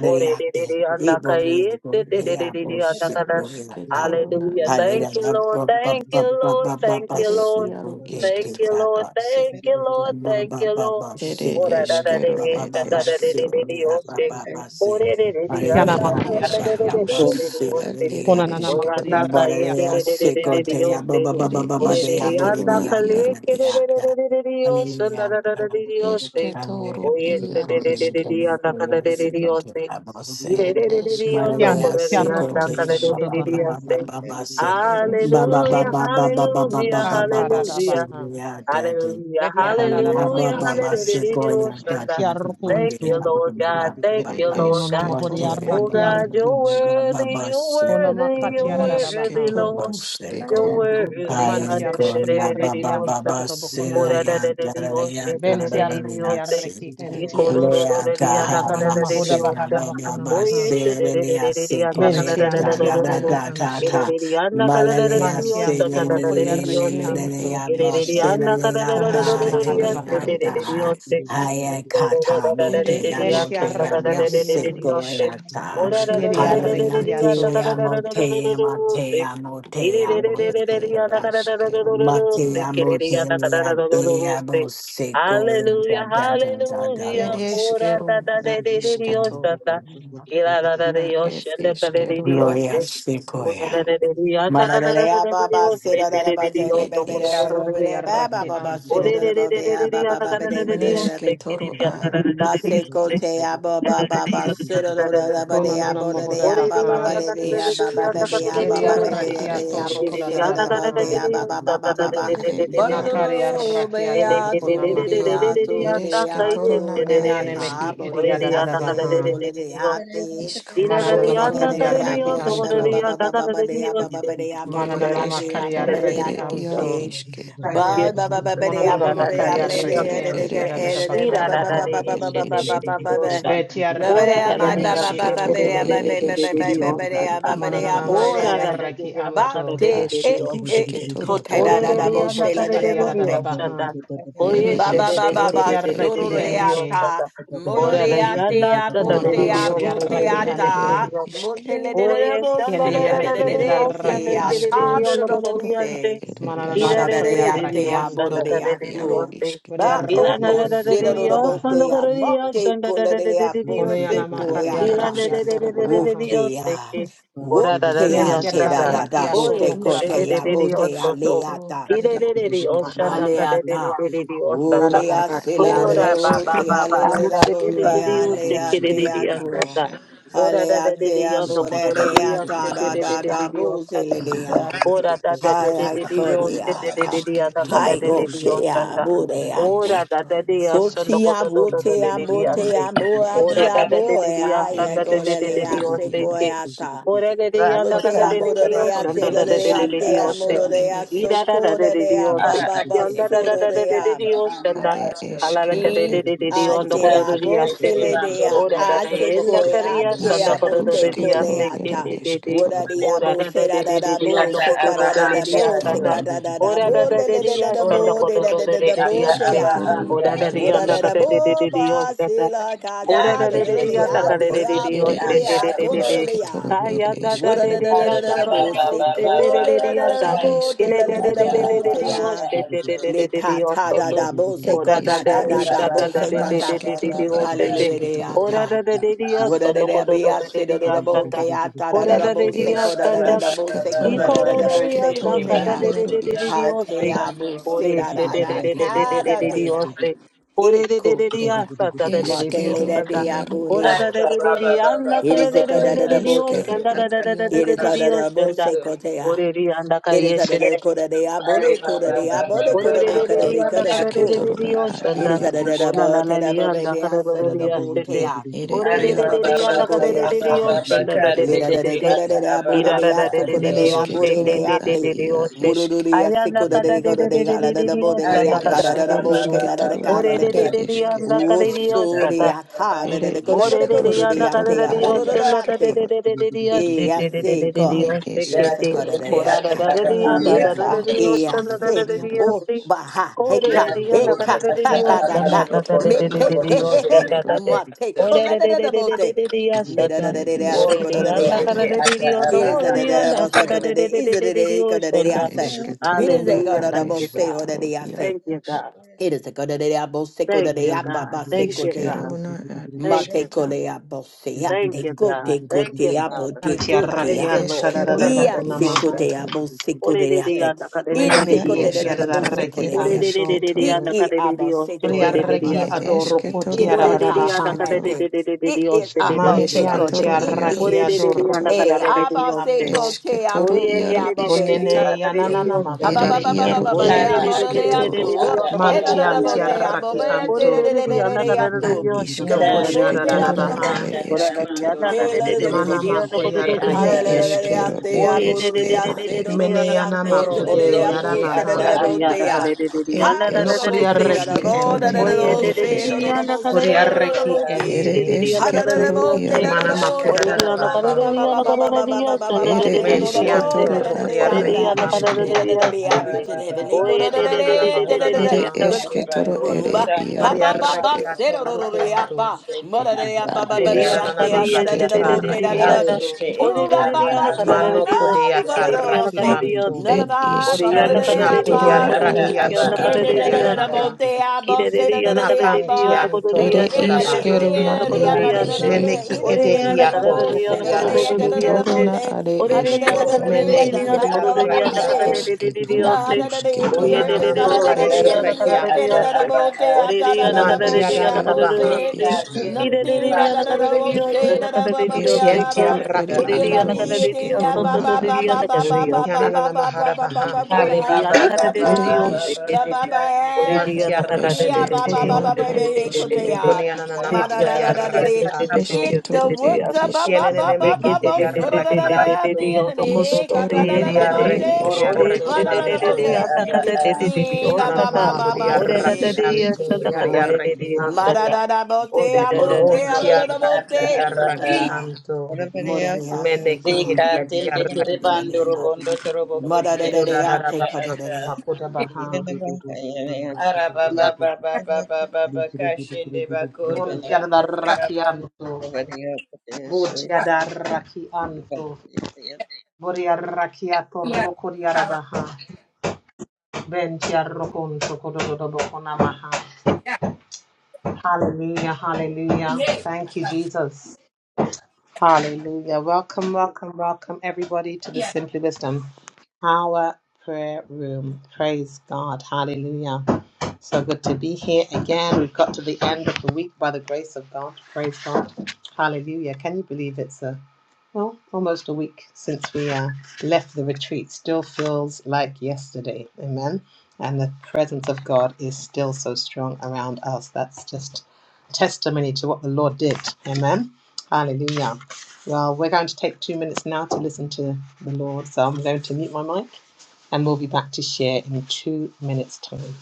S5: ore de de de yanda kai de de de
S8: ed
S5: de de de yanda
S8: isk
S4: Thank
S5: kada
S1: Iboyata.
S8: rusketoro na
S5: Hallelujah. Thank you,
S1: Hallelujah.
S8: iarusk
S5: Lord.
S1: Ba ba
S5: Thank
S1: ba
S5: you,
S1: ba
S5: Lord.
S1: ba ba
S5: Thank
S1: ba.
S5: you,
S8: ere
S5: Lord.
S8: iaru
S1: Subo
S5: Thank you,
S8: isketoro
S5: Lord.
S8: ad
S1: de
S5: Thank you, Lord.
S1: Ba
S5: Thank
S1: ba
S5: you,
S1: ba
S5: Lord.
S1: ba se say
S8: ere
S5: Ora da da
S1: hallelujah.
S8: eskero
S1: Ba
S5: de,
S1: ba
S8: ed
S1: ba
S5: da da
S1: ba
S5: da de
S1: se say
S5: de
S8: esketoro
S5: de de
S1: hallelujah.
S8: ad
S5: o
S1: Ba
S5: se.
S1: ba ba say
S5: Ore de de de,
S3: Zig
S5: anda
S8: ed
S1: hallelujah. Ba
S5: ye
S8: isk
S1: ba ba
S5: de
S1: ba
S5: de
S2: makodiarrakianto.
S5: de de
S8: rusk
S5: de de de
S1: say
S5: o
S8: ad
S5: se.
S8: ere
S1: hallelujah.
S2: Konanana
S5: Ora na
S8: esketoro
S1: Ba
S5: ka
S8: ad
S1: da
S5: ye
S1: da
S5: de
S2: makodiarrakiato
S1: da
S5: de de
S1: se
S5: de de de
S1: God te
S5: de o
S1: ya. Ba
S5: se.
S1: ba ba ba
S2: rokodiarrakianto.
S8: ere
S1: ba ba
S5: Ore
S1: de
S5: de
S1: ya.
S5: de,
S1: Ba de
S8: isketoro
S1: de
S5: anda
S8: na
S1: ya
S5: ka
S1: de
S5: le
S8: iaru
S1: na
S5: ke
S1: de
S5: de de
S1: ya
S8: isk
S5: de
S1: da.
S5: de de de de o se. Da
S1: Hallelujah.
S5: da da
S1: ta
S5: da de de o
S8: Eske
S5: se.
S1: Hallelujah.
S8: toru
S5: O ye
S1: Say
S5: se
S8: iar
S5: de
S1: God
S5: de
S1: ya.
S5: de de
S1: Ba
S8: eske.
S5: de,
S1: da da
S5: anda
S1: da
S5: ka da
S1: ya
S5: de de
S1: say
S5: de
S1: God
S5: o
S1: te
S5: se.
S1: ya. Ba say.
S5: Ire
S8: Et
S5: de de de de,
S1: Ba da
S8: eskru
S5: ondo
S2: Kian
S1: da
S5: ko
S8: iar
S1: da
S5: de de,
S1: say God
S5: anda
S2: tiarukun
S1: te
S5: ka
S1: ya.
S5: da
S8: iarus.
S5: de
S1: Ba
S5: de
S1: ba
S5: de
S1: ba
S5: de
S2: tukudabaha.
S5: o
S1: ba ba
S5: se.
S1: ba ba say. Ba
S8: Ereske
S1: ba ba
S8: toru
S5: Hallelujah,
S1: ba ba ba ba
S8: askere
S1: ba ba
S5: hallelujah,
S1: ba
S8: eske
S1: ba
S8: toru
S1: ba
S5: hallelujah.
S8: et.
S1: say
S2: Kantadadabaha.
S1: ya daddy.
S5: Hallelujah,
S8: Ar
S1: Baba
S8: iaro
S5: hallelujah,
S2: Vediadadadabaha.
S8: ere eske toru
S5: hallelujah.
S2: Tiarukun
S5: Thank you,
S2: tu.
S5: Lord God. Thank
S8: Ere
S5: you, Lord
S2: Unununa
S5: God.
S8: eske toro et
S5: Oh God,
S8: iaro
S5: you're
S2: mahodiarakiantu.
S8: eske.
S5: worthy, you're
S2: Kona
S5: worthy, you're
S8: Neske
S2: makatiadadabaha.
S5: worthy,
S8: to
S5: Lord.
S8: ruske to
S5: You're
S8: ru ad
S5: worthy.
S8: et eske.
S2: Mantiarukuriarakian
S5: Ora
S2: tukudabakunamaha.
S5: da da da di oshe de de de de di ose.
S2: Ventiarukuriaraki
S5: I
S2: enti.
S5: koro ro ro
S8: Iaruske
S1: Lea
S5: da di
S8: toru
S5: anda
S8: na
S5: kana
S2: Mana
S8: ad
S1: kahara
S5: da da di
S2: mahoda
S8: eske.
S1: sena
S2: bahada
S5: osha.
S3: Zugu
S1: baba
S2: bakuna maha.
S5: Oye she
S1: basera
S5: de de de
S1: lea
S5: de de di
S1: se
S5: anda kana
S1: korea
S8: Eske
S5: da da
S2: Ventian
S5: da
S8: toru
S1: ta
S5: da da
S8: na
S1: da
S5: da
S1: da
S5: da.
S8: iaro
S2: tiaraki
S1: da ta
S2: antu.
S8: eske.
S5: Ere
S1: ta
S5: de di anda kana da da da
S1: malalea
S5: di
S1: se
S2: Mantian
S5: osha da
S1: le
S5: da
S1: le
S5: da da da
S1: le
S5: di
S1: le
S2: torukuriaraki
S1: le
S5: ose.
S1: le
S8: Eskero ed
S2: antu.
S1: lea
S5: Ere de di
S8: isk.
S1: basera
S5: anda kana da
S1: lea
S5: da da da
S2: Konanana
S5: da
S1: ta
S8: Aske
S5: da
S1: ne
S5: di
S2: mahada
S8: toru
S5: ose
S2: baha.
S1: lea
S8: ere
S5: de de de di
S1: ta
S8: eske.
S5: ose.
S1: haya
S5: Oro ro
S1: kata
S5: da da da da
S1: bote
S5: da
S8: Ere
S1: ya
S5: di asa
S1: bote
S8: eske
S5: da
S1: ya
S5: da da
S8: ru
S2: Ventiaraki
S5: da da da
S2: antu.
S5: da
S1: bose
S8: iaro
S5: di ose.
S8: isk.
S1: korea ta
S5: Ora da
S8: Ruska
S5: da
S2: Yeri
S5: da da
S8: tara
S5: da da da
S1: Hallelujah,
S8: ere
S5: di anda
S8: eske
S1: te
S2: arrekiato,
S5: kana da
S8: toro
S5: da
S1: amo,
S8: e.
S5: da da da
S1: te
S5: da
S1: amo,
S5: da.
S1: te amo, te
S5: Hallelujah,
S1: amo,
S8: Ed
S1: te
S8: e
S1: amo,
S8: eskero ed
S1: Matea
S8: iaro is.
S1: motemia dea bosecoia da da da da da
S8: Ed
S5: hallelujah. Ora
S8: eskero
S5: da
S1: bosecoia.
S5: da
S8: na
S5: da da da de
S8: isketo.
S5: da Kira da da
S8: Na
S5: de da
S8: ed
S5: da da de
S8: eskero
S5: de
S8: ad
S1: Gloria
S5: oshe.
S8: isketoro
S5: Ora
S1: secoia.
S8: e.
S5: da da da de anda da da da da
S1: Manadalea
S5: de
S1: baba
S5: da da
S1: sera da da
S5: da de
S1: ba
S5: da
S1: jay
S8: Ed
S5: da
S1: bebe
S5: da da
S8: isk.
S5: do do
S1: bebe
S5: de.
S2: yarri
S1: bebe baba baba sera
S2: arrakianto,
S5: Ore
S1: da da
S5: da da
S1: ba
S5: da da
S1: bea baba
S5: da
S1: baba
S5: da da da
S1: de
S5: de da da da anda da
S1: bebe
S3: Thank
S8: Nesketoro a.
S5: da da de
S1: Baseko
S5: de.
S1: te abo
S5: Thank
S1: ba ba ba sero do do do ba de
S2: kononana
S1: abo do de
S2: mohoda
S1: abo ba
S2: baha,
S1: ba de
S8: Ed
S1: be
S8: isk.
S1: abo ba ba be abo ba
S2: yeri
S1: ba
S8: Rusketoro
S1: be
S8: na
S1: de
S8: are
S1: be
S2: arrakiato
S1: abo
S8: eske.
S2: rokoda
S1: sero
S2: da
S1: do ba de
S2: baha,
S1: abo ba ba ba ba ba
S8: Are
S1: ba do do do
S8: iaro
S2: nakari
S8: is.
S1: do be
S2: arrakiato
S1: a
S2: bokona
S1: to de
S2: maha,
S1: a to
S8: Ere
S1: de a
S8: esketoro na
S1: to de
S2: mene
S8: ad
S1: a
S2: yene
S8: eske.
S1: ta
S2: mehi
S1: bo do de
S2: idiada
S1: a
S2: da
S1: se
S2: baha,
S1: go le de a te
S8: Isk
S4: you.
S1: bo
S2: mananana
S1: de de
S8: rusketoro
S1: de
S2: makari
S8: na
S1: de
S8: ad
S1: abo ba ba
S8: eske.
S1: ba
S2: arrekianto,
S1: ba ba ba ba ba de abo ba ba de abo do
S8: Ere
S4: Hello,
S1: de
S2: mananana
S1: a te
S2: makari
S1: abo
S8: esketoro
S1: ba de
S8: ere
S1: abo
S8: iaru
S1: se
S2: arrekianto,
S8: iske
S1: Ba ba ba ba ba de
S2: monanana
S1: apu
S8: ad
S1: de
S2: makari
S1: aple
S5: you,
S1: de
S2: arreki
S8: eskero
S1: apu de
S5: Jesus.
S1: de de
S2: enti
S8: ere
S1: de
S2: da
S1: de de ba
S2: bakana
S5: Ira
S1: ba
S8: isketoro
S5: da
S1: ba
S5: da
S1: ba
S8: ad
S2: maha,
S5: de
S1: ba ba ba
S8: ed
S1: ba
S5: ishe
S1: ba
S5: de
S1: ba
S5: de
S8: isk
S5: de
S1: ba
S5: de
S1: ba ba.
S5: osha.
S2: beti
S1: La ba de
S5: Ora
S2: arraki
S1: a
S5: da da
S1: ma
S5: de
S1: ba ba ba
S5: gashe
S1: ba ba
S5: de
S8: nesketoro
S5: de
S1: de a
S5: de
S2: idiarrekianto,
S1: ba
S5: de
S8: ere
S5: de
S1: ba
S5: de
S1: ba
S5: de de de
S1: ba ba ba
S8: esketoro
S1: ba
S5: osha
S1: de a
S8: ed
S1: ba
S5: ta.
S1: ba de
S8: iaru
S2: mananana
S1: apu
S8: is
S1: de de a
S2: makari
S5: Ora
S1: ba.
S5: da da de
S3: you.
S5: yanda
S1: Ba
S2: arrekianto,
S5: kada de
S1: te
S5: de de
S3: Zugu
S1: e
S5: de
S1: e
S5: oshe de.
S1: ko
S8: ashrusketoro
S1: te
S8: ad
S1: da
S5: Ore
S1: da
S5: de
S1: da
S8: ed
S5: de
S1: bo
S5: yanda
S1: se
S8: eske
S1: la
S2: Kononanamokoti
S1: de
S5: kada de
S1: de
S5: de
S1: bo
S5: de
S1: te.
S5: osha
S2: adiadadabaha.
S5: da.
S8: ere
S5: Koye
S1: Ba
S5: she
S1: ba
S5: de
S1: ba
S5: de de
S1: ba
S5: de
S1: ba
S8: esketoro
S5: de de de
S8: ed
S5: de
S2: Votiarraki
S5: de de de
S2: ente.
S8: iaruska
S5: osha
S1: sororeata
S5: da. Ora da
S1: mororeate
S5: yanda da da
S8: ne
S5: de
S1: abote
S5: de de
S2: Mononanamokori
S5: oshe de
S8: esketoro
S5: de
S2: araki
S8: na
S5: de de de
S2: ante.
S5: de
S8: iaru
S5: de
S1: aboteata
S5: osha.
S8: iske
S1: motele de de
S5: Oye shanda da
S1: bose
S5: da
S1: de
S5: da
S1: de
S2: Kienenemeki
S5: da
S1: de
S5: de
S1: de
S5: osha
S8: ed
S1: ke
S2: edivarraki
S5: de de de
S2: anto.
S5: de
S1: ata de
S5: yanda
S1: de
S5: kada de
S8: iskrusketoro ad
S5: yashe
S1: bose
S8: ere esk
S2: Manananamakori araki
S1: marareate
S5: dios, Santa
S2: anto.
S8: ad
S5: Cata de
S8: iaru
S5: dios
S1: abororeago ba
S8: isketoro
S1: o
S2: Vodiarraki
S5: Ilana
S1: o
S2: anto
S5: de
S1: sera de de
S5: dios,
S2: kodadabaha.
S5: Santa
S1: botea
S5: Cata de dios,
S1: moke
S5: Santa
S1: kole
S5: Cata
S1: de
S5: de dios Irararararariyos, shandatarararariyose. Ilanarararararariyos, sandokorariyos,
S1: abose
S5: shandatarararararariyose.
S8: ad
S2: Konoyanamakari
S1: koyata
S2: araki atoro
S8: iaruskatara
S2: kodabaha.
S5: Ilanararararararariyose
S1: wotea
S5: ke.
S1: wotea
S5: Orarararariyos,
S1: te da
S5: shanda.
S1: da
S8: It
S2: Kientiarraki
S1: da
S8: is
S2: atoro
S1: bote
S2: kodabaha.
S1: kotea
S8: Karushketo,
S5: Oyesetararararariyos,
S1: botea
S5: soto.
S8: Roshketo,
S1: leata
S8: Ere
S2: Dadadabaha.
S5: Irararararariyos,
S8: Esketoro,
S1: Aleata.
S5: shandakarararararariyos, tata.
S2: Kari
S1: Ulea
S8: Ad
S2: araki
S8: Ed
S5: Ora
S2: anto.
S5: ba
S1: selalero
S5: ba
S1: se
S8: Eskero,
S5: ba
S8: Ed
S5: ba
S6: anda ate
S1: alera bote
S3: Yes,
S2: Vodiarraki
S6: anda
S5: yesetararararariyose,
S1: alea
S8: Yaruski,
S5: kirararariyos,
S1: teaco.
S5: tata.
S1: Alea
S8: Ya
S1: sea
S5: dios
S8: Isketoro,
S1: borea
S8: Na
S1: ta
S8: Ade
S1: da da da
S8: Esketoro,
S5: sandokorariyos,
S1: buzelea.
S6: ate
S5: Ora
S6: ete
S5: da da de de
S1: Hai
S5: de
S6: aba
S5: de yo
S6: anda
S5: se de de de
S1: coniata.
S5: de ana ka
S8: Asketo,
S5: da
S1: Hai
S5: de anda cada de de yo sa
S1: gokea
S8: Rusketo,
S5: ka.
S8: Ro Ed
S5: Ora
S1: boreate.
S5: da da
S8: Esketoro,
S5: de
S8: Na
S5: ya son do ko
S1: Sotia
S5: do
S8: Yaruski,
S5: do do do de
S1: botea
S5: de Dios de ya se.
S1: botea
S6: ate ete
S5: Ora
S6: ata
S5: da
S1: moabia
S5: da de de de
S6: aba
S1: boea.
S5: ya sa
S1: Ai
S8: Ere
S5: ka de de
S6: anda ate
S5: de de Dios de
S1: gorelea
S8: Esketoro,
S5: yo se ke.
S8: Yarusk,
S1: sequeata.
S5: Ora de de ya
S6: rako
S5: da ka
S1: Wote
S5: da de
S6: tanda
S5: de
S1: amoro
S5: de
S1: de
S5: yo
S6: tabako
S1: a
S5: son
S8: Ed
S1: te
S5: da
S1: la
S5: da
S6: sendi
S5: de
S1: de
S5: de
S8: Isk,
S1: a
S5: de de
S6: anda
S5: de
S1: te
S5: yo
S6: ate
S5: se.
S8: Rusk,
S1: amoro de a
S8: Ere
S5: I da da da de
S1: socole
S8: Esketoro,
S5: de
S1: de
S8: Ed
S1: a
S5: Dios de
S6: ara
S5: yo se.
S1: baba
S8: Eske,
S6: ate
S5: Ya da da
S6: ete
S5: da
S1: basoro
S5: da de
S1: de
S5: de de
S1: a
S5: de
S6: aba
S5: yo son
S6: anda
S5: da.
S8: Ade
S6: ate
S5: Ala la ka
S8: Eskero,
S5: de
S1: i
S5: de
S8: Ed
S5: de de de
S1: a
S5: yo do ko
S1: te
S8: Isketoro,
S5: do do de
S6: ate
S1: abo
S5: ya se
S1: se
S6: ete
S1: le
S5: te.
S1: de
S6: bandoro
S1: a
S5: Ora
S6: bondo
S5: da
S1: a
S5: da
S1: se
S6: turubo
S5: en da
S1: koe
S5: ka de
S1: a
S6: kostendi
S5: ya
S3: Lord,
S5: son
S1: te
S6: anda
S8: Isk,
S5: do ko do
S1: abo
S6: ate
S5: do
S1: te
S5: de Dios de
S1: kole
S8: Rusketoro,
S1: a
S5: que
S8: Ere
S1: ta
S5: de de de.
S1: Wora
S3: man,
S1: de
S5: Ora
S1: abo
S6: ore
S5: da
S1: se
S5: da
S1: da
S6: ete
S5: de
S1: da
S5: de de
S1: da
S6: ete
S5: de on
S1: bo
S5: do
S6: ata
S5: ko
S1: se
S5: do
S1: ka
S6: aba
S5: do
S1: da
S5: de
S1: da
S5: de
S6: anda
S5: de
S1: bo se
S6: ate
S3: Zigga
S5: asata.
S1: ka
S8: Ashketoru
S1: da da
S5: Ora da
S1: bo
S8: yaru
S5: da
S1: de
S5: de
S1: le
S5: de
S1: de da
S8: ishk.
S1: da
S6: oro
S5: ashon do
S1: bo
S5: ko
S1: de
S6: oto
S5: do
S1: da
S5: do
S1: da
S5: de
S1: da
S6: ete
S5: de
S1: da
S5: de de
S6: ata
S1: bo te
S5: ase.
S6: aba
S1: a
S8: Ishketoru
S6: anda
S5: Ora da
S8: yaru
S5: de
S6: ate
S5: on
S1: woda
S5: do
S1: da
S5: ko
S1: da
S5: de
S8: ishketo.
S5: de de
S1: bo
S5: de de
S1: ba
S5: osata.
S1: se la ka
S5: Ora
S6: dari
S1: ta
S5: da
S1: da
S5: de
S1: da
S5: de
S6: ete
S1: da
S5: de
S1: de
S5: anda
S6: turubo
S1: a
S5: ka de de
S1: te
S5: de de
S6: kostendi
S1: abo
S5: o
S8: Ere
S5: se
S1: te
S6: anda
S5: de
S1: a
S5: de de de
S1: kolo
S6: ate
S5: de.
S1: de a
S8: ishkarushketoro ere
S5: Haya da da
S1: Woulda
S5: de
S1: da
S8: ishkero.
S1: da
S5: de
S1: da da
S6: Ari
S1: da
S5: anda
S1: da
S6: baba
S5: ka do
S1: bo
S5: o
S1: se
S6: baba
S5: se de de
S6: baba
S1: kole
S5: de
S6: baba
S1: da
S5: de
S1: da da da
S5: anda.
S8: Ere
S6: kati
S1: bo te la
S5: Ile
S6: ete
S1: la
S5: de
S8: ishketoro
S1: da
S5: de
S1: da
S6: ata
S5: de de de
S1: bo
S8: yaru
S6: aba
S5: de
S1: te
S5: de
S8: ishk.
S5: o
S1: ya
S6: anga
S5: se de
S6: ato.
S5: de de
S1: le
S5: de de
S1: kata
S5: de o
S1: ta
S5: so
S1: da da
S5: do.
S1: bo se
S8: Ed
S1: ko
S5: Ora da
S1: ta
S5: de
S1: da
S6: Ari
S1: da da
S5: isha
S6: baba
S5: da
S1: bo
S5: da
S8: ishkarushkata
S1: se
S6: baba
S5: de
S1: ko
S5: de de
S6: baba
S5: de de
S8: nashketoro
S5: de
S6: baba
S5: o
S8: ed
S5: se de.
S1: hallelujah
S6: kati
S1: de ya
S6: ete
S8: ishketoro ed.
S5: Ora
S1: ta
S5: da de
S6: ata
S5: de
S6: aba
S5: de o
S1: woulda
S5: so
S6: anga
S1: da
S5: do ko
S1: da
S5: do
S1: be
S6: ato.
S5: do
S1: ya
S5: de de
S1: se da
S5: de
S1: da
S5: ya
S1: da bo
S5: shanda.
S1: ke ya ta da da
S5: Ora
S1: da
S8: Ed
S5: da
S1: bo
S5: de de
S6: Ari
S1: se ko
S6: baba
S1: da da
S6: baba
S1: da
S5: ya
S1: da bo se
S6: baba
S1: ko
S8: ishkarushketo
S1: da da
S6: baba
S1: da da bo
S6: kati
S1: se ko
S6: ete
S5: Ikororianda
S8: rushketoro
S1: te
S8: na
S1: ya
S6: bato
S8: yaru ishk.
S6: nutanga
S1: ha te
S5: katadededededeose.
S1: ya
S6: tarabando
S1: bo se
S6: robondo
S1: da da
S6: robondo
S1: da
S6: kende
S1: ka da
S6: anga.
S1: te ya
S5: Koreshedededededededose.
S1: e ko te ya
S5: Koredededediasa
S1: ma te le da
S8: Eshkero
S1: de
S5: tadadedediosanda.
S1: ya
S8: yaru
S1: bo de ya
S8: ishk.
S6: Ari baba baba
S5: Koradadededianda
S1: it
S6: baba
S1: is a
S6: baba
S1: da
S8: Ere
S1: da da bo
S6: kati
S1: te
S6: ete
S8: eshkero
S5: kadadededededediosanda
S8: ed
S6: ata
S8: yaru
S1: it is
S6: aba
S1: a
S8: ishk.
S1: da
S6: anga
S1: da bo
S5: dadadadadadediosanda.
S1: se
S6: ato.
S1: ko te ya
S5: Korerianda
S1: it is a da da coda de
S6: Ari
S1: abode coda
S3: Thank
S5: kayeshedededededededose.
S6: baba
S1: de
S6: baba
S1: abode coda
S6: baba
S1: de
S8: Ad
S1: coda
S8: ed
S1: de
S6: baba
S5: Koreredianda
S1: coda de
S6: kati
S1: cool.
S8: ishketoro
S6: ete
S8: na
S6: ata
S8: ad
S1: It
S5: kadadedededediosanda.
S1: is
S6: aba
S1: a
S8: ere
S1: da da da
S8: ishk.
S6: anga
S1: bo te da bo
S6: ato.
S5: Konananadianda
S1: baby I said da bo te
S5: kadadededediasete.
S1: a.
S8: Ere
S1: It
S6: Ari
S1: is a
S8: iaru
S6: baba
S1: perfect de
S5: Koreredianda
S6: baba
S1: coda de
S8: isketoro ed
S6: baba
S1: asa.
S6: baba
S8: esk.
S5: kadadededediosanda
S6: kati
S1: Lida da de
S6: iti
S5: dadadadadede.
S1: coda de
S6: ata aba
S1: abode
S5: Ira
S1: de
S5: da
S6: anda
S5: da de
S1: asto
S5: de de
S1: coda
S5: de
S1: de
S6: ato.
S5: oshe
S1: abode
S5: de
S8: Nesketoro
S1: de
S5: de de
S8: ad
S5: de
S1: ate.
S5: de
S8: ia
S5: oshe.
S1: Would do
S8: esk.
S1: the
S5: ayanda
S1: asico da
S5: kada
S1: de
S5: de
S1: coda
S5: de
S1: de
S5: de de
S1: gala
S5: de
S1: da
S5: de
S1: da
S5: de
S1: bo de
S8: Ad
S1: le
S6: Ari
S5: osanda kada
S1: ata da
S6: baba
S1: da da
S6: baba
S1: bo ke
S5: Irararararariyoshe, dedededediyoshe. Ayandakadadedededediyosandakadadededede.
S1: la da
S6: baba
S1: da
S8: iskarusketoro
S6: baba
S1: cala le
S8: are
S1: ke.
S6: kati
S8: esk.
S6: ndi bakono
S1: Woso de
S5: Orererereriyandakaririyosata.
S6: tanda
S1: ata da
S6: karabande
S1: da
S8: Ere
S1: de cola
S5: O
S6: rubondo
S1: le
S5: de
S1: de
S5: de de
S1: coda de
S5: anda cada
S8: iskarusketoro
S1: ate
S5: de
S8: are
S5: Dios,
S6: anda
S1: abode
S5: solo
S1: da
S6: ato.
S5: de de
S1: ate.
S5: de
S8: esketoro.
S5: de de de Dios, se
S1: E a
S5: de de de de de
S1: seco.
S8: Ne
S5: Dios, se
S1: It
S5: que
S1: is a
S6: Dati
S5: te.
S8: esketo
S1: coda de
S6: iti
S5: Cora
S6: ata
S5: da
S1: ata.
S5: da de
S6: aba
S5: de
S8: rusketoro
S5: anda
S6: anda
S8: na
S5: da da de
S8: ad
S1: Eha
S6: ato.
S5: Dios,
S1: ea
S5: solo de
S8: esketoro
S5: de
S1: se
S5: de
S8: iaru
S5: Dios,
S1: o
S5: se.
S8: isk.
S1: baha
S5: O de de
S1: heka
S5: de
S6: Dati
S5: anda
S6: iti
S5: cada
S1: heka
S5: de
S6: ata
S1: kata
S8: Ere
S6: aba
S5: Dios,
S1: da
S5: anda
S6: anda
S1: ta
S5: da da
S8: esketoro
S5: de
S6: rubondo
S5: de de
S8: iaru
S5: de
S1: mete
S6: tabo
S1: he
S5: Dios,
S1: he he
S6: kushende
S5: anda
S8: isketoro.
S5: da
S6: anda
S5: de.
S1: mate
S5: O
S6: ato.
S5: de
S1: kola
S5: de
S1: da
S5: de
S1: da
S5: de
S1: da
S5: de de de
S1: bote
S5: de Dios,
S1: me da da
S5: anda.
S1: da
S8: Ere
S1: da da
S5: O
S1: se
S5: de
S6: Oro
S1: ko
S3: you.
S1: da
S5: de
S1: da da
S8: isketoro
S6: oto
S5: anda
S1: ya
S8: ere
S5: cada
S6: iti
S1: ta
S5: de
S6: ata
S3: Thank
S5: Dios, anda.
S1: it
S6: aba
S8: esketoro.
S1: is
S5: O
S1: a da
S3: you.
S5: de
S6: anda
S1: da da bo
S5: anda
S1: se ko
S5: cada
S6: ato.
S1: da
S5: de
S1: da
S5: de de
S1: is
S5: de
S1: a
S5: de
S1: da
S5: de
S1: da ko
S5: Dios,
S1: da da da
S8: Ad
S5: anda.
S1: se it
S8: esketoro
S1: is
S8: na
S1: a ko
S5: Hallelujah.
S1: da
S8: ad
S1: da
S5: Thank
S1: bo
S5: you,
S1: se
S5: God.
S1: da da
S8: esketoro
S1: da ya
S8: iaru
S1: se
S5: Thank you,
S8: isk.
S5: God.
S1: it is a ko da da da bo se ko da
S5: Thank
S1: da
S5: you,
S1: ya ba
S5: God.
S1: ba se
S5: Thank
S1: ko
S5: you,
S1: te ya
S8: Ishkero
S5: God.
S8: na ad
S5: Thank
S1: mate
S5: you, God.
S1: kola
S8: eshketoro
S1: ya bo se ya
S5: Thank
S1: te
S5: you,
S1: ko
S5: God.
S1: te ko
S5: Thank
S1: te
S5: you,
S1: ya bo
S5: Father.
S1: te ko te
S2: arraki
S5: Thank
S1: ya
S8: ade
S5: you,
S2: anta
S5: Lord.
S8: eshkero na
S1: Ia
S2: dadadabakunamaha.
S5: Koredadadiyosaba.
S1: secotea,
S8: ishketo
S1: bo secoreate. Ida
S8: Ia
S2: Menemehi
S1: secotea
S5: Koredidiyandakadidididiyosha.
S1: da da bo
S8: eshketoro
S2: etiarraki
S8: er
S1: secorea.
S2: anto.
S1: I
S8: eshketoro
S1: i aba setorea
S2: Riarreki
S8: ne
S5: Koredididididiyandakadididiyoshetedididiyasa.
S1: It
S2: adorokoti
S8: eshketoro
S1: is a
S8: er
S2: ararabaha.
S8: ishketo
S1: catalate. It is aba
S2: Manti
S5: Koredidiyandakadididididiyoshetedididiya.
S2: anti
S1: secote.
S8: neshketoro
S1: It
S8: iaro
S2: arraki
S1: is
S8: ishketo
S2: adorokodi
S1: a
S2: arreki
S1: aba
S5: Koredidiyandakadidididiyoshe.
S2: anto.
S1: secotea
S8: eshketoro iaro
S1: abo bo baby
S8: ishketo
S2: Konene
S6: Ato.
S1: stiff.
S2: yananana
S1: Aba
S5: Koredididididiyandakadidiyoshenda.
S8: ere
S1: ba
S2: mahudebe
S1: ba ba ba
S8: iaro
S1: ba
S2: hiente.
S1: ba de
S8: ere
S6: Ara
S1: abo
S6: ate
S1: de
S6: iti
S8: eshketoro a
S1: ato.
S6: ata
S1: He
S6: aba
S1: da
S2: Manti
S1: da da
S5: Koredidididididiyandakadididiyosha.
S1: bo
S2: anti
S6: anda
S1: abo
S2: arraki
S1: be
S6: ato.
S1: de
S2: anto.
S1: de de de de de
S8: ad
S1: ato. De da da
S2: Nokodi
S6: Dati
S1: bo de da
S8: ishkarushketoro
S1: da
S6: tanda
S5: Koredidididiyandakadididiyoshendadadadidiyoshe.
S8: na
S2: ararabaha.
S8: are
S6: tanda
S8: eshketo
S6: tarabando
S1: He la
S6: robondo
S3: Zugu
S6: torobo
S2: Mana makodi
S6: koshende
S8: ne
S2: arreki
S6: anda
S5: Koredidididiyandakadidididiyoshendadadadidiyoshe.
S6: ato.
S1: Hallelujah,
S2: ente.
S8: eshkero er
S5: Oye, de de de
S1: Bururia,
S5: de
S8: eshkero
S5: de de
S8: er
S5: de de,
S2: Mene
S5: yana
S1: Sedoria,
S5: kada
S2: yana
S5: da de
S6: Oro
S5: yoste
S2: makude
S6: oto
S1: Sedaria,
S5: te.
S1: Bo,
S6: eke
S2: yarabaha.
S6: ata
S5: Ora da
S6: aba
S5: yana
S6: a.
S5: kada
S1: Sedabotea.
S5: de de de,
S8: ed
S5: yana da da da
S1: Hadadabo,
S2: Nokodi
S5: de
S2: arreki
S5: yoste.
S1: Sedadabo,
S8: eshkarushketoro na
S2: ente.
S5: Oye,
S1: Dadadabo,
S6: Oro
S8: are
S5: de de de
S6: oto
S5: de
S8: eshke
S6: eke
S5: yana
S1: Sedodabo,
S5: kada
S2: Uri
S6: ata
S5: da da da da
S6: aba
S2: arreki
S1: Sedodabo,
S6: a.
S5: yoste te
S1: Kid.
S8: Ere
S5: de
S2: ente.
S5: de yana
S8: eske
S5: kada da
S8: toro
S1: Hadadabo,
S8: iaro
S5: yoste.
S6: Re
S2: Mana
S1: Tedadabo,
S6: tanda
S8: iske.
S2: makoda
S5: Ore
S2: da
S5: de,
S2: da
S5: yana
S1: Tedadabo,
S6: tarabando
S5: kada
S2: baha.
S5: de
S1: Baba,
S5: de
S1: Baba,
S5: yana
S6: robondo
S1: Baba,
S5: kada da de
S6: torobo
S1: Baba, Baba,
S5: yoste da
S1: Baba,
S5: de,
S8: Ere
S6: koshende
S5: de de de
S6: anda
S2: Menti
S8: iske
S1: Sedodabo,
S2: anto
S5: yoste.
S8: toro
S6: ata.
S8: ad
S2: rokodi
S5: Ore de,
S8: iaro
S2: arreki
S1: Dadadata.
S5: yana kada da
S8: iske.
S2: anto.
S5: de
S1: Didadabi,
S5: yoste
S1: Abu
S5: ke.
S1: to
S6: Araba
S1: heaven,
S6: ba ba
S1: Nico,
S6: ba
S5: Oye,
S6: ba
S5: de de de
S6: ba
S2: Kananana
S5: de de
S6: ba
S5: de
S2: mahoda
S6: ba
S5: de de,
S8: Ere
S2: baha.
S5: Ora Oye
S1: the
S5: Oye
S6: tande
S8: eske toro
S1: room.
S6: bakondo
S8: ere
S6: tanda
S1: Ha
S8: iaro
S1: ba ba ba,
S2: Variarraki
S6: tarabando
S8: iske.
S6: robondo torobo
S1: Sedoria,
S2: atorrukuntu.
S6: koshende
S1: Mother,
S6: anda
S8: Ad
S1: Baba,
S5: de
S1: Baba,
S5: di
S6: ata.
S8: isk
S5: ana
S1: Baba,
S5: ka
S2: Kunianana
S5: de
S8: ruske
S5: este
S1: Baba,
S5: de de
S8: torona
S5: de
S1: Baba,
S2: makadayatarraki
S5: di
S8: are
S6: Are
S1: Baba,
S5: ana
S2: anto.
S6: ete
S8: eske.
S5: o de
S1: to
S6: ete
S5: de
S1: la
S5: de di
S1: ba
S6: aba
S5: ana
S1: ba
S5: ka
S1: to
S6: aba
S5: de de
S2: Mano
S5: di
S6: aba
S5: oste
S1: another ba
S5: ki
S1: da
S6: ata.
S5: di
S1: da
S5: di
S1: da
S5: ana ka
S2: kodeyatarraki
S5: de
S1: say.
S5: di
S2: anto.
S5: oste
S1: Nala
S8: Ed
S1: ba
S5: o de
S8: isk
S1: ba ba da
S6: Are
S5: ana
S1: da
S5: ka
S1: da
S5: de
S6: ete
S8: ruske
S5: di
S8: torona
S6: ete
S5: ana
S1: ba
S5: ka de
S6: ata
S8: are
S2: Nakodiarraki
S5: di
S6: aba
S5: ana
S8: eske
S5: ka
S1: in
S5: de
S1: the
S8: toro
S6: anda
S1: earth,
S5: di
S8: e.
S2: atorrukodiada
S5: oste
S6: ata.
S1: in
S2: baha.
S1: the
S5: Kirerere yana karerere
S2: Nakanti
S1: earth,
S5: yana kororo
S8: Ere
S5: yashe
S2: antorrukoda
S6: Ota
S8: iske
S2: baha.
S5: tererere
S8: ro
S6: tende
S8: na
S5: yana kororo
S8: iaro
S6: terebando
S5: yashe.
S8: iske.
S6: rondo
S2: Meneki
S6: torobo
S5: Orere
S2: edehi
S5: yana
S6: kushiki
S5: karerere
S6: anda
S5: yana kororo
S6: ata.
S8: Aske
S2: atorrukodiarraki
S8: torona
S5: yashe.
S2: ente.
S8: are
S5: Orere yana
S8: eske.
S6: Oro oto
S5: karerere
S2: Menehi
S6: ete
S5: yana kororo
S6: ata aba
S2: ediarraki
S5: yana
S6: a.
S2: ato.
S3: Thank
S8: Eske
S5: karerere
S8: tu
S5: yashe.
S8: ruske
S5: Oye
S8: toro
S2: Unanana
S8: ad ed
S6: Oro
S5: tererere
S6: oto
S8: eske.
S5: yana
S2: makariarraki
S6: ete
S5: karerere
S2: anto.
S6: ata
S5: yashe.
S6: aba a.
S5: Orere yana
S8: Ere
S2: Mantia
S5: karerere
S2: da
S5: yana
S2: da
S8: eske
S2: da
S8: ro ed
S2: baha.
S5: kororo yashe.
S6: Leta
S8: isk.
S6: tende
S5: Kirerere
S1: nothing
S5: yana
S6: terebando
S5: karerere
S6: rondo
S5: yashe
S6: torobo
S5: yana karerere
S6: kushiki
S8: Eşke
S5: yashe ki.
S6: anda
S8: toro ere
S2: Gentiarraki
S6: ata.
S5: Orere
S1: will I
S5: yana
S8: iaro
S2: anto.
S1: be
S5: karerere
S8: işke
S1: eating ba
S5: yashe
S8: toruna
S1: ba ba
S5: tererere
S8: ad
S1: ba ba
S5: yana
S1: ba ba ba
S5: karerere
S8: eşke.
S1: ba
S5: yashe.
S2: Yanana
S1: ba ba ba ba
S2: Maharabaha
S1: ba ba
S6: Are
S5: Ore
S1: ba
S5: di ana
S6: baba
S5: kada de
S6: baba
S5: de
S8: Ere
S5: di
S1: sakata.
S6: baba
S5: ose
S8: işk.
S6: baba
S5: kete
S1: Baba
S5: di.
S6: kati
S5: Ore
S1: as
S5: di
S6: kanda
S5: ana kada de
S1: we
S2: Mantiaraki
S5: de
S8: Eşke
S1: are
S6: tarabando
S5: de de
S1: Baba
S5: di
S2: Ente
S6: rondo
S5: ose
S1: Baba
S8: toruna ad
S5: te
S6: torobo
S5: te
S1: Baby
S5: te te
S8: eşke.
S5: te te.
S6: kushiki
S1: Kotea.
S2: Kunianana
S6: anda
S5: Ore di
S1: Mada da
S5: ana
S6: ata.
S1: da
S5: kada
S1: da da
S9: Good
S5: di
S2: Makuriaraki
S5: ose
S1: dee.
S5: te te te
S2: Anto
S5: di
S1: It
S8: Eşke
S5: ose
S1: the
S8: toro
S5: te te di
S8: ed
S1: works of
S5: aso to.
S8: işk.
S1: Baba Baba
S5: Eke
S2: Yenenemeki
S5: te
S1: Baba
S5: te te
S1: so
S5: te
S1: da da
S5: te
S1: da
S2: Idiaraki
S5: te te
S1: da
S5: te
S1: of the
S2: Anto
S5: di oto koto
S1: enemy.
S5: to
S8: İşke
S5: te
S1: Kata da da da
S8: rona
S5: eshe te.
S8: are
S2: Yediaraki
S6: Oro
S1: bote.
S5: Ore
S8: eşke.
S6: oto
S2: Idiaraki
S5: eshe
S1: Bada
S5: te
S1: da
S6: ete
S5: te
S1: da
S5: te te
S2: Anto
S6: ata
S1: bote.
S5: ana
S6: aba
S5: kada
S1: His
S5: de
S6: a.
S5: de de di
S8: Eşke
S1: being a
S2: Kanana
S5: osha
S8: toro
S1: Baba
S5: ta.
S8: ere
S1: Baba
S8: iaro
S5: Ore da da
S1: say
S2: Mahuriaraki
S8: işk.
S5: di
S2: Ante
S5: eshe na kada
S1: destroyed.
S5: de de
S2: Yadiaraki
S5: di osha
S1: Mada
S2: Anto
S5: ta.
S1: da da bote
S5: Ore
S1: a
S5: da
S6: Oro
S5: da
S1: bote
S6: oto
S1: a da da
S6: ete
S2: Buntiaraki
S6: ata
S1: bote.
S6: aba
S2: Idiaraki
S6: a
S1: Ukodea.
S2: Anto
S1: Moda de a so
S2: Meneki
S1: called.
S6: deka tende
S2: Idiatiaraki
S6: tere bando robondo torobo
S1: Mada da da da
S6: koshende
S3: you.
S1: da take
S6: anda
S1: da da
S2: Kodarabaha
S6: ata
S1: da.
S3: Libre,
S2: Makodabaha
S6: araba baba baba baba baba
S3: libre, libre,
S6: kashende bakondo
S3: libre,
S6: tanda
S2: Montiaraki
S6: tarabando
S2: Anto Botiadaraki anto. Boriaraki atorokodiarabaha. Bentiarokunto kodododobokonamaha. Hallelujah, hallelujah. Thank you, Jesus. Hallelujah. Welcome, welcome, welcome, everybody, to the Simply Wisdom Power Prayer Room. Praise God. Hallelujah. So good to be here again. We've got to the end of the week by the grace of God. Praise God. Hallelujah. Can you believe it's a well, almost a week since we uh, left the retreat. Still feels like yesterday. Amen. And the presence of God is still so strong around us. That's just testimony to what the Lord did. Amen. Hallelujah. Well, we're going to take two minutes now to listen to the Lord. So I'm going to mute my mic and we'll be back to share in two minutes' time.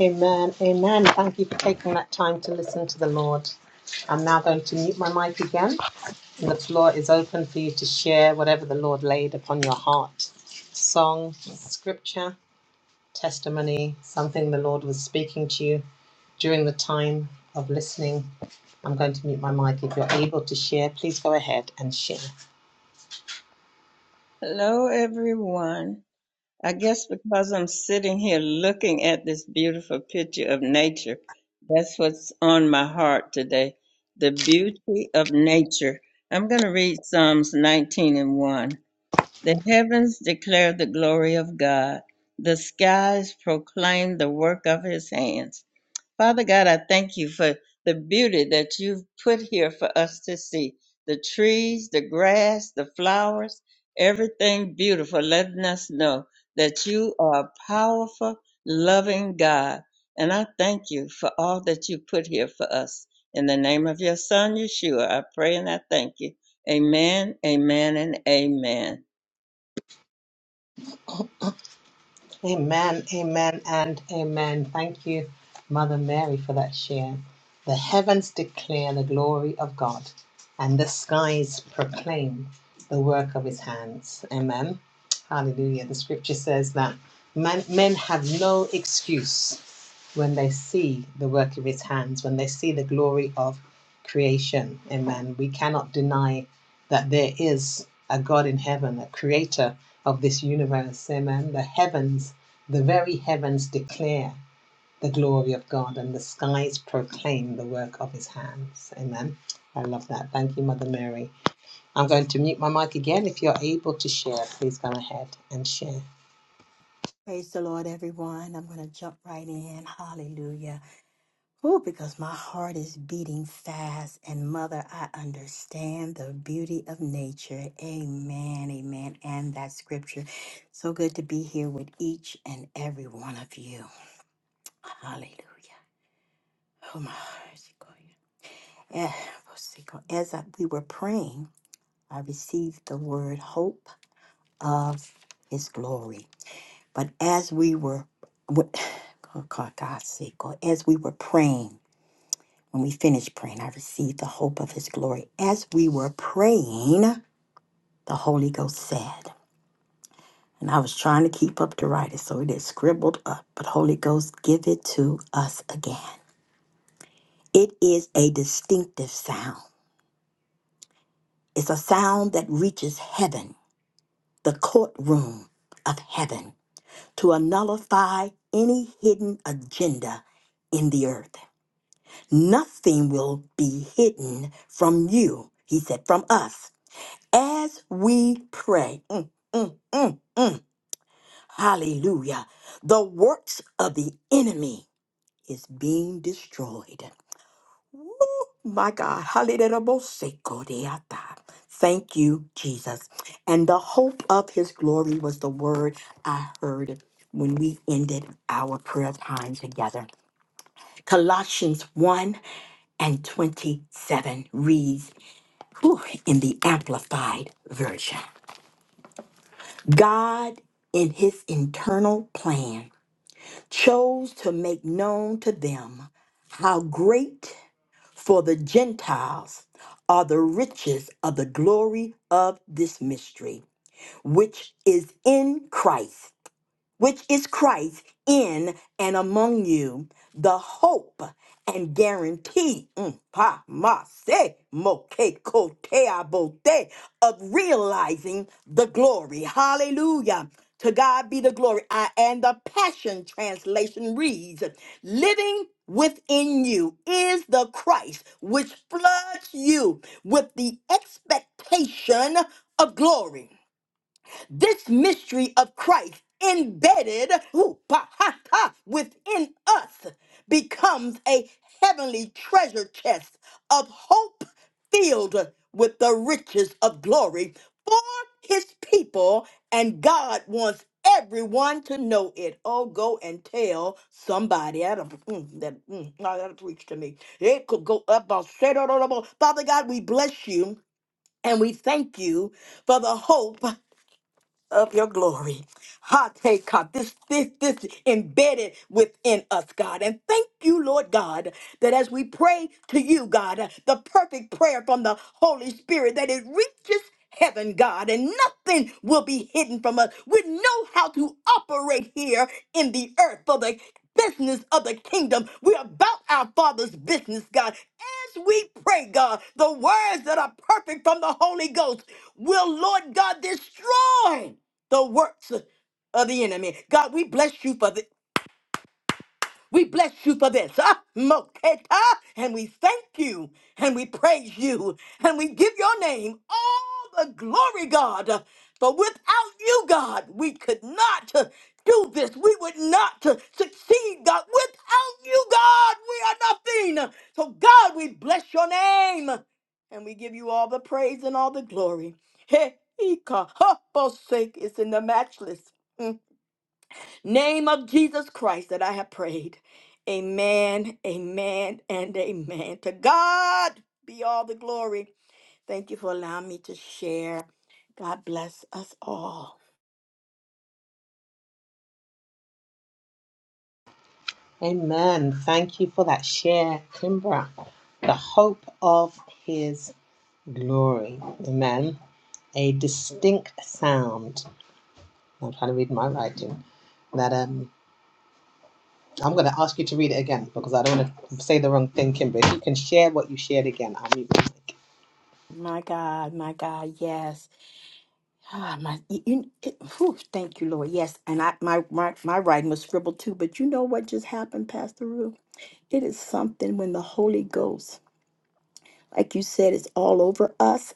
S2: Amen. Amen. Thank you for taking that time to listen to the Lord. I'm now going to mute my mic again, and the floor is open for you to share whatever the Lord laid upon your heart song, scripture, testimony, something the Lord was speaking to you during the time of listening, I'm going to mute my mic. If you're able to share, please go ahead and share.
S4: everyone. I guess because I'm sitting here looking at this beautiful picture of nature, that's what's on my heart today. The beauty of nature. I'm going to read Psalms 19 and 1. The heavens declare the glory of God, the skies proclaim the work of his hands. Father God, I thank you for the beauty that you've put here for us to see the trees, the grass, the flowers, everything beautiful, letting us know that you are a powerful, loving God. And I thank you for all that you put here for us. In the name of your Son, Yeshua, I pray and I thank you. Amen, amen, and amen.
S2: Amen, amen, and amen. Thank you, Mother Mary, for that share. The heavens declare the glory of God, and the skies proclaim the work of his hands. Amen. Hallelujah. The scripture says that men men have no excuse when they see the work of his hands, when they see the glory of creation. Amen. We cannot deny that there is a God in heaven, a creator of this universe. Amen. The heavens, the very heavens declare the glory of God, and the skies proclaim the work of his hands. Amen. I love that. Thank you, Mother Mary. I'm going to mute my mic again. If you're able to share, please go ahead and share.
S1: Praise the Lord, everyone. I'm going to jump right in. Hallelujah. Oh, because my heart is beating fast. And Mother, I understand the beauty of nature. Amen. Amen. And that scripture. So good to be here with each and every one of you. Hallelujah. Oh, my heart is going. Eh, what's it called? As I, we were praying, I received the word hope of his glory. But as we were, what- oh God, God's sake, God, as we were praying, when we finished praying, I received the hope of His glory. As we were praying, the Holy Ghost said, and I was trying to keep up to write it, so it is scribbled up. But Holy Ghost, give it to us again. It is a distinctive sound. It's a sound that reaches heaven, the courtroom of heaven, to nullify any hidden agenda in the earth. Nothing will be hidden from you, he said, from us as we pray. Mm, mm, mm, mm. Hallelujah. The works of the enemy is being destroyed. Woo, my God. Hallelujah. Thank you, Jesus. And the hope of his glory was the word I heard when we ended our prayer time together. Colossians 1 and 27 reads, Whew, in the Amplified Version. God, in his internal plan, chose to make known to them how great for the Gentiles are the riches of the glory of this mystery, which is in Christ which is Christ in and among you, the hope and guarantee mm, pa, ma, se, mo, ke, ko, te, a, bo, te, of realizing the glory. Hallelujah. To God be the glory. I, and the Passion Translation reads Living within you is the Christ which floods you with the expectation of glory this mystery of Christ embedded ooh, pa- ha- ha, within us becomes a heavenly treasure chest of hope filled with the riches of glory for his people, and God wants everyone to know it. Oh, go and tell somebody. I don't, mm, that, mm, no, that'll preach to me. It could go up. I'll say it all over. Father God, we bless you and we thank you for the hope of your glory. Ha take God, this this this embedded within us, God. And thank you, Lord God, that as we pray to you, God, uh, the perfect prayer from the Holy Spirit that it reaches heaven, God, and nothing will be hidden from us. We know how to operate here in the earth for the business of the kingdom. We're about our Father's business, God. As we pray, God, the words that are perfect from the Holy Ghost will, Lord God, destroy the works of the enemy. God, we bless you for this. We bless you for this. Ah, Moketa. And we thank you and we praise you and we give your name all the glory, God. For without you, God, we could not uh, do this. We would not uh, succeed, God. Without you, God, we are nothing. So, God, we bless your name and we give you all the praise and all the glory. He, Ika, Hopposake is in the matchless. Mm. Name of Jesus Christ that I have prayed. Amen, amen, and amen. To God be all the glory. Thank you for allowing me to share. God bless us all.
S2: Amen. Thank you for that share, Kimbra. The hope of his glory. Amen. A distinct sound. I'm trying to read my writing. That um I'm gonna ask you to read it again because I don't want to say the wrong thing, Kimbra. If you can share what you shared again, I'll mute my mic.
S1: My God, my God, yes. Ah, my, you, you- it- whew, thank you, Lord. Yes, and I, my, my my writing was scribbled too. But you know what just happened, Pastor Ruth? It is something when the Holy Ghost, like you said, is all over us.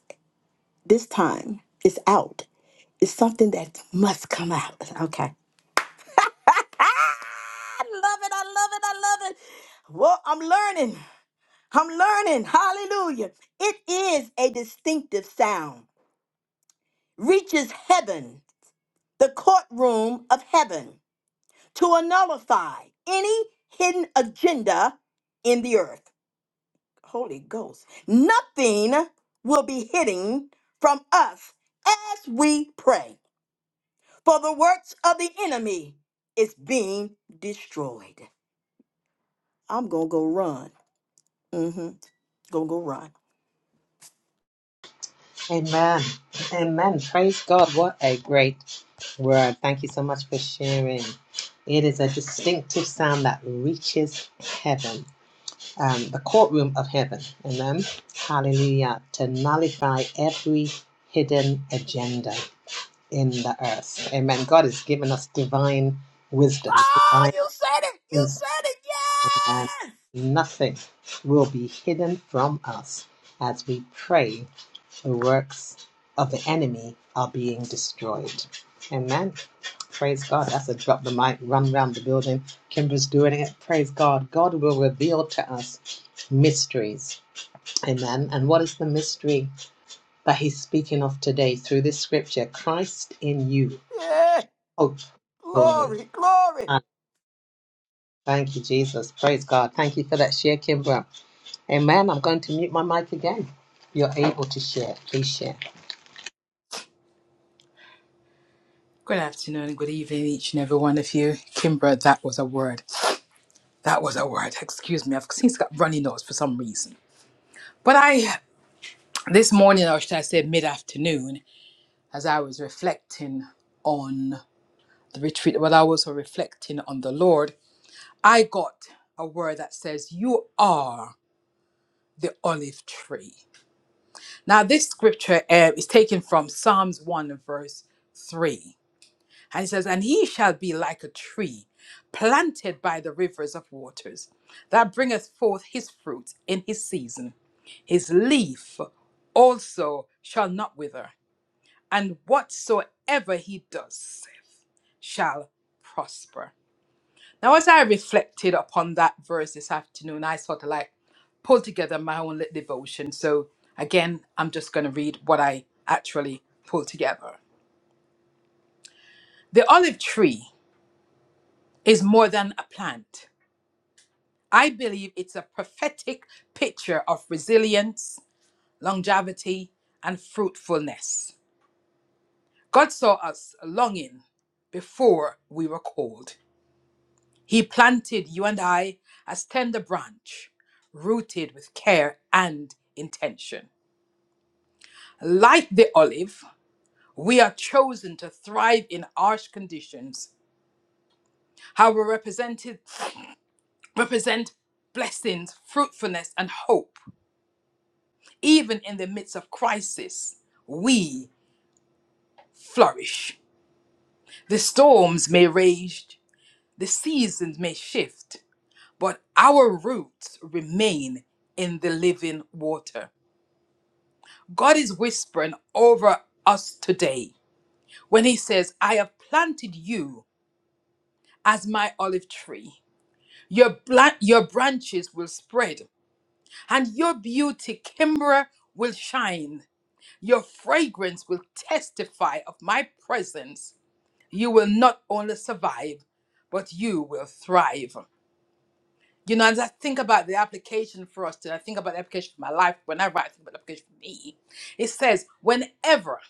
S1: This time, it's out. It's something that must come out. Okay. I love it. I love it. I love it. Well, I'm learning. I'm learning. Hallelujah. It is a distinctive sound, reaches heaven, the courtroom of heaven, to nullify any hidden agenda in the earth. Holy Ghost. Nothing will be hidden from us as we pray. for the works of the enemy is being destroyed. I'm gonna go run. Mm-hmm. Gonna go run.
S2: Amen. Amen. Praise God. What a great word. Thank you so much for sharing. It is a distinctive sound that reaches heaven um, the courtroom of heaven. Amen. Hallelujah. To nullify every hidden agenda in the earth. Amen. God has given us divine wisdom,
S1: Oh,
S2: divine
S1: you said it! You
S2: insight.
S1: said it!
S2: Amen.
S1: Yes!
S2: Nothing will be hidden from us as we pray the works of the enemy are being destroyed. Amen. Praise God. That's a drop the mic, run round the building. Kimber's doing it. Praise God. God will reveal to us mysteries Amen. And what is the mystery that he's speaking of today through this scripture? Christ in you,
S1: Yeah!
S2: hope, glory.
S1: Glory, glory.
S2: And thank you, Jesus. Praise God. Thank you for that share, Kimbra. Amen. I'm going to mute my mic again. You're able to share. Please share.
S9: afternoon, good evening, each and every one of you. Kimber, that was a word. That was a word. Excuse me, I've since got runny nose for some reason. But I, this morning, or should I say mid afternoon, as I was reflecting on the retreat, while I was reflecting on the Lord, I got a word that says, You are the olive tree. Now, this scripture uh, is taken from Psalms 1 and verse 3. And it says, And he shall be like a tree planted by the rivers of waters, that bringeth forth his fruit in his season. His leaf also shall not wither, and whatsoever he does shall prosper. Now, as I reflected upon that verse this afternoon, I sort of like pulled together my own little devotion. So, again, I'm just going to read what I actually pulled together. The olive tree is more than a plant. I believe it's a prophetic picture of resilience, longevity, and fruitfulness. God saw us longing before we were called. He planted you and I as tender branch, rooted with care and intention. Like the olive, we are chosen to thrive in harsh conditions. How we represented represent blessings, fruitfulness, and hope. Even in the midst of crisis, we flourish. The storms may rage, the seasons may shift, but our roots remain in the living water. God is whispering over us today when He says, I have planted you as my olive tree. Your, bla- your branches will spread, and your beauty, Kimbra, will shine. Your fragrance will testify of my presence. You will not only survive, but you will thrive. You know, as I think about the application for us, and I think about the application for my life, whenever I think about the application for me, it says, whenever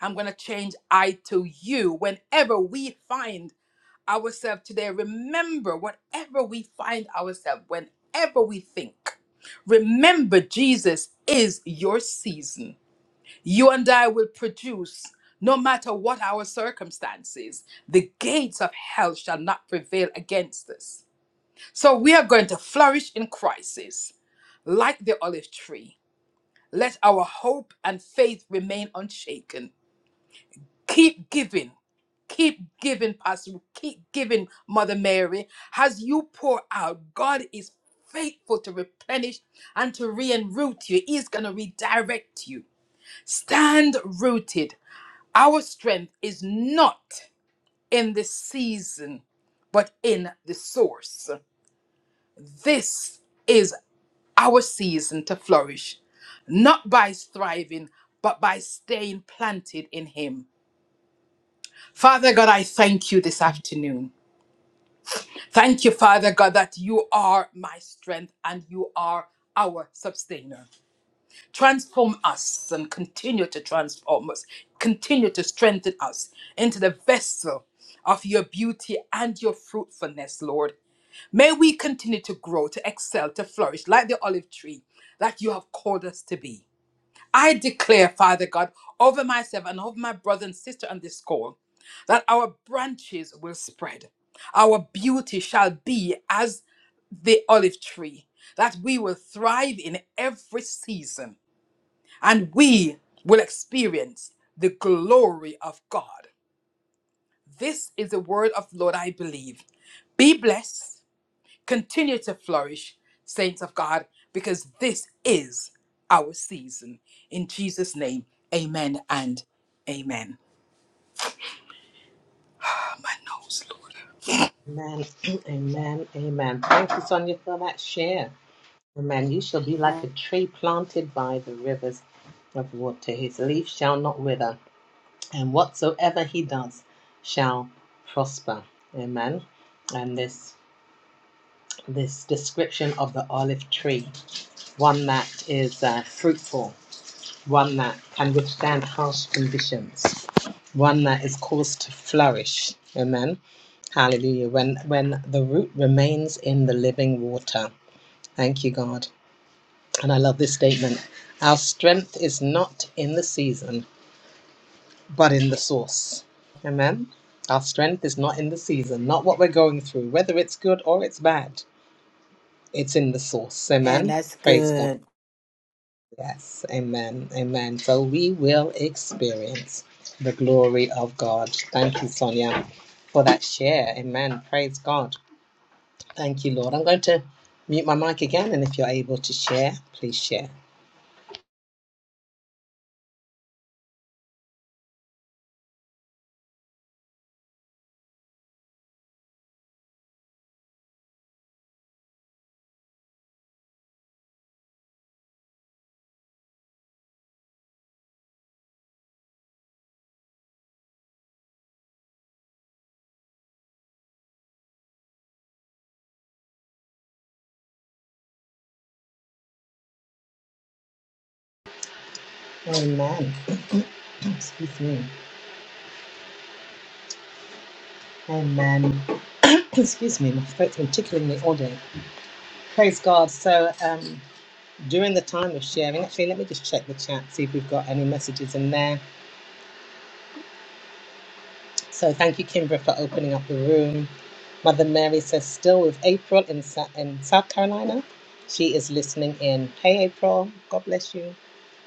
S9: I'm going to change I to you. Whenever we find ourselves today, remember, whenever we find ourselves, whenever we think, remember Jesus is your season. You and I will produce. No matter what our circumstances, the gates of hell shall not prevail against us. So we are going to flourish in crisis like the olive tree. Let our hope and faith remain unshaken keep giving keep giving pastor keep giving mother mary as you pour out god is faithful to replenish and to re-enroot you he's going to redirect you stand rooted our strength is not in the season but in the source this is our season to flourish not by thriving but by staying planted in him father god i thank you this afternoon Thank you, Father God, that you are my strength and you are our sustainer. Transform us and continue to transform us. Continue to strengthen us into the vessel of your beauty and your fruitfulness, Lord. May we continue to grow, to excel, to flourish like the olive tree that you have called us to be. I declare, Father God, over myself and over my brother and sister on this call, that our branches will spread. Our beauty shall be as the olive tree, that we will thrive in every season and we will experience the glory of God. This is the word of the Lord, I believe. Be blessed, continue to flourish, saints of God, because this is our season. In Jesus' name, amen and amen. My nose, Lord.
S2: Amen. Amen. Amen. Thank you, Sonia, for that share. Amen. You shall be like a tree planted by the rivers of water. His leaf shall not wither and whatsoever he does shall prosper. Amen. And this this description of the olive tree, one that is uh, fruitful, one that can withstand harsh conditions, one that is caused to flourish. Amen. Hallelujah. When when the root remains in the living water. Thank you, God. And I love this statement. Our strength is not in the season but in the source. Amen. Our strength is not in the season, not what we're going through, whether it's good or it's bad. It's in the source.
S1: Man,
S2: Amen.
S1: that's
S2: Praise God.
S1: good.
S2: Yes. Amen. Amen. So we will experience the glory of God. Thank you, Sonia, for that share. Amen. Praise God. Thank you, Lord. I'm going to mute my mic again, and if you're able to share, please share. Amen. Excuse me. Amen. Excuse me. My throat's been tickling me all day. Praise God. So um, during the time of sharing, actually, let me just check the chat, see if we've got any messages in there. So thank you, Kimbra, for opening up the room. Mother Mary says, still with April in, Sa- in South Carolina. She is listening in. Hey, April. God bless you.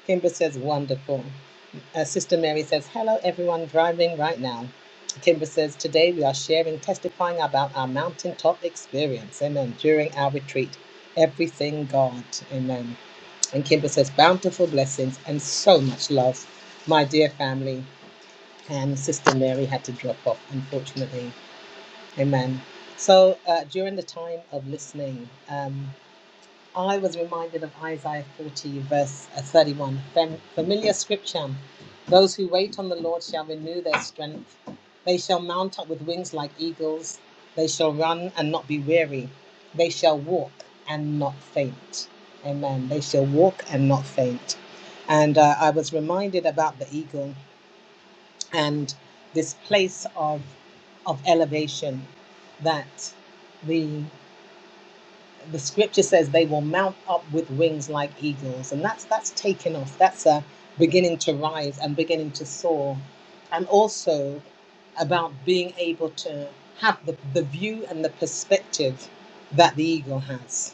S2: Kimbra says, wonderful. Uh, Sister Mary says, hello, everyone driving right now. Kimbra says, today we are sharing, testifying about our mountaintop experience. Amen. During our retreat, everything God. Amen. And Kimber says, bountiful blessings and so much love. My dear family, and Sister Mary had to drop off, unfortunately. Amen. So uh, during the time of listening, um, I was reminded of Isaiah 40, verse uh, 31. familiar scripture. Those who wait on the Lord shall renew their strength. They shall mount up with wings like eagles. They shall run and not be weary. They shall walk and not faint. Amen. They shall walk and not faint. And uh, I was reminded about the eagle and this place of, of elevation that. the the scripture says they will mount up with wings like eagles and that's that's taking off that's a beginning to rise and beginning to soar and also about being able to have the, the view and the perspective that the eagle has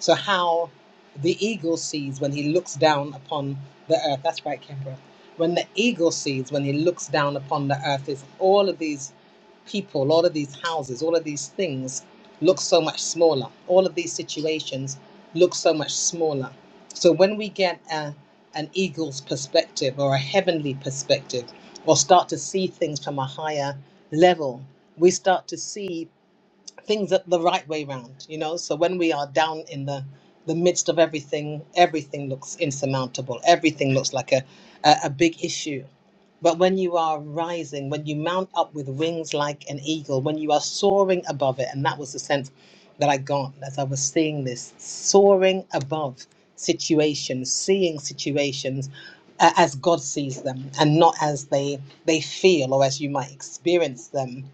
S2: so how the eagle sees when he looks down upon the earth. That's right, Kimbra. When the eagle sees when he looks down upon the earth is all of these people, all of these houses, all of these things look so much smaller. All of these situations look so much smaller. So when we get a, an eagle's perspective or a heavenly perspective, or start to see things from a higher level, we start to see things at the right way round, you know. So when we are down in the the midst of everything, everything looks insurmountable. Everything looks like a, a, a big issue. But when you are rising, when you mount up with wings like an eagle, when you are soaring above it, and that was the sense that I got as I was seeing this soaring above situations, seeing situations uh, as God sees them, and not as they they feel or as you might experience them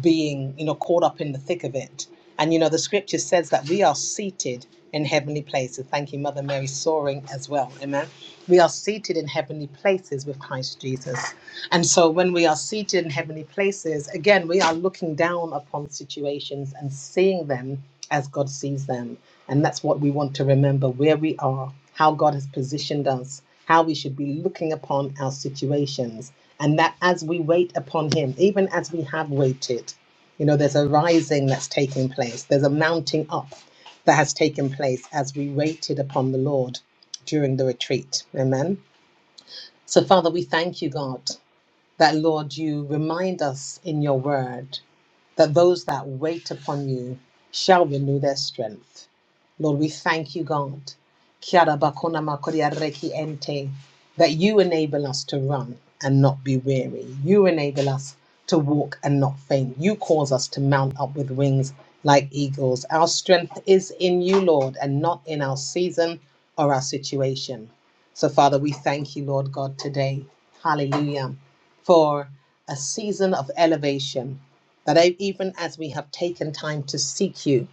S2: being, you know, caught up in the thick of it. And you know, the scripture says that we are seated in heavenly places. Thank you, Mother Mary, soaring as well. Amen. We are seated in heavenly places with Christ Jesus. And so when we are seated in heavenly places, again, we are looking down upon situations and seeing them as God sees them. And that's what we want to remember where we are, how God has positioned us, how we should be looking upon our situations and that as we wait upon him even as we have waited you know there's a rising that's taking place there's a mounting up that has taken place as we waited upon the lord during the retreat amen so father we thank you god that, Lord, you remind us in your word that those that wait upon you shall renew their strength. Lord, we thank you, God, Kiara bakona makoria reki ente, that you enable us to run and not be weary. You enable us to walk and not faint. You cause us to mount up with wings like eagles. Our strength is in you, Lord, and not in our season or our situation. So, Father, we thank you, Lord God, today. Hallelujah for a season of elevation. That I- even as we have taken time to seek you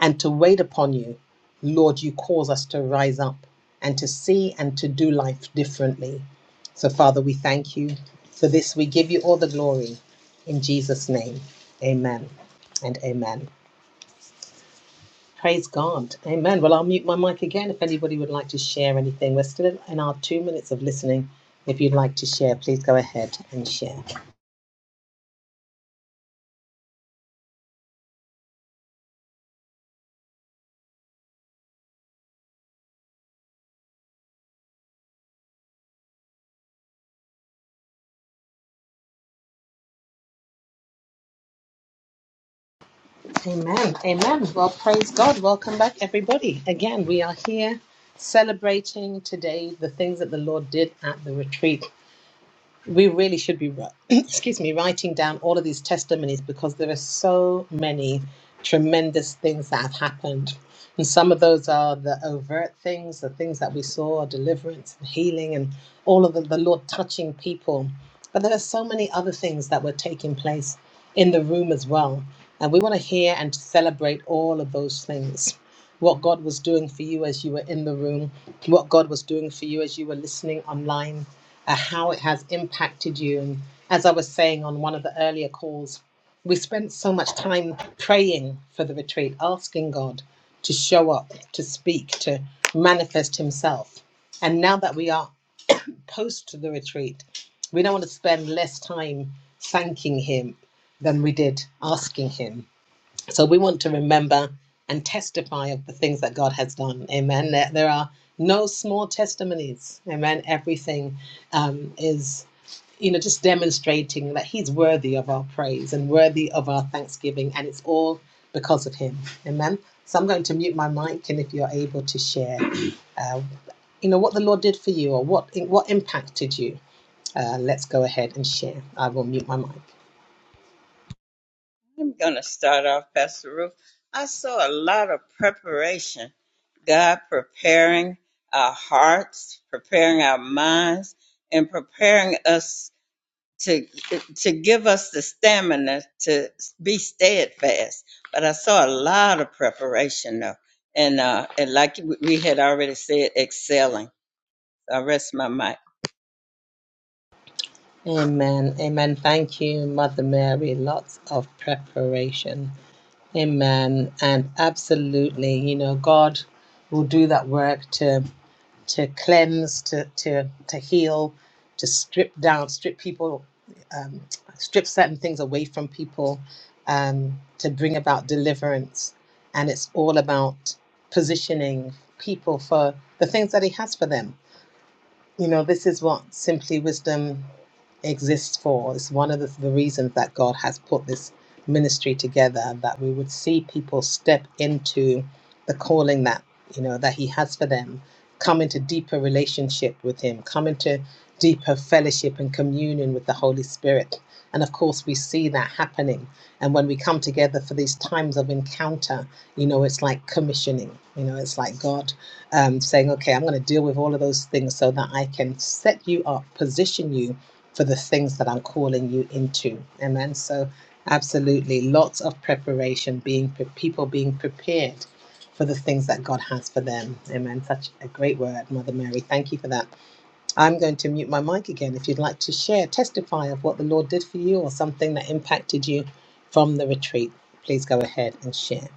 S2: and to wait upon you, Lord, you cause us to rise up and to see and to do life differently. So, Father, we thank you for this. We give you all the glory in Jesus' name. Amen and amen. Praise God. Amen. Well, I'll mute my mic again if anybody would like to share anything. We're still in our two minutes of listening. If you'd like to share, please go ahead and share. Amen. Amen. Well, praise God. Welcome back, everybody. Again, we are here celebrating today the things that the Lord did at the retreat we really should be ri- excuse me writing down all of these testimonies because there are so many tremendous things that have happened and some of those are the overt things the things that we saw deliverance and healing and all of the, the lord touching people but there are so many other things that were taking place in the room as well and we want to hear and celebrate all of those things what God was doing for you as you were in the room, what God was doing for you as you were listening online, uh, how it has impacted you. And as I was saying on one of the earlier calls, we spent so much time praying for the retreat, asking God to show up, to speak, to manifest Himself. And now that we are post the retreat, we don't want to spend less time thanking Him than we did asking Him so we want to remember and testify of the things that God has done. Amen. There, there are no small testimonies. Amen. Everything um, is, you know, just demonstrating that He's worthy of our praise and worthy of our thanksgiving, and it's all because of Him. Amen. So I'm going to mute my mic, and if you're able to share, uh, you know, what the Lord did for you or what what impacted you, uh, let's go ahead and share. I will mute my mic.
S4: I'm going to start off, Pastor Ruth. I saw a lot of preparation. God preparing our hearts, preparing our minds, and preparing us to to give us the stamina to be steadfast. But I saw a lot of preparation though, and uh, and like we we had already said, excelling. So I rest my mic.
S2: Amen. Amen. Thank you, Mother Mary. Lots of preparation. Amen. And absolutely, you know, God will do that work to to cleanse, to to to heal, to strip down, strip people, um, strip certain things away from people, um, to bring about deliverance. And it's all about positioning people for the things that He has for them you know, this is what Simply Wisdom exists for. It's one of the, the reasons that God has put this ministry together, that we would see people step into the calling that, you know, that He has for them, come into deeper relationship with Him, come into deeper fellowship and communion with the Holy Spirit. And of course, we see that happening. And when we come together for these times of encounter, you know, it's like commissioning. You know, it's like God um, saying, okay, I'm going to deal with all of those things so that I can set you up, position you for the things that I'm calling you into. Amen. So, absolutely, lots of preparation, being people being prepared for the things that God has for them. Amen. Such a great word, Mother Mary. Thank you for that. I'm going to mute my mic again. If you'd like to share, testify of what the Lord did for you or something that impacted you from the retreat, please go ahead and share.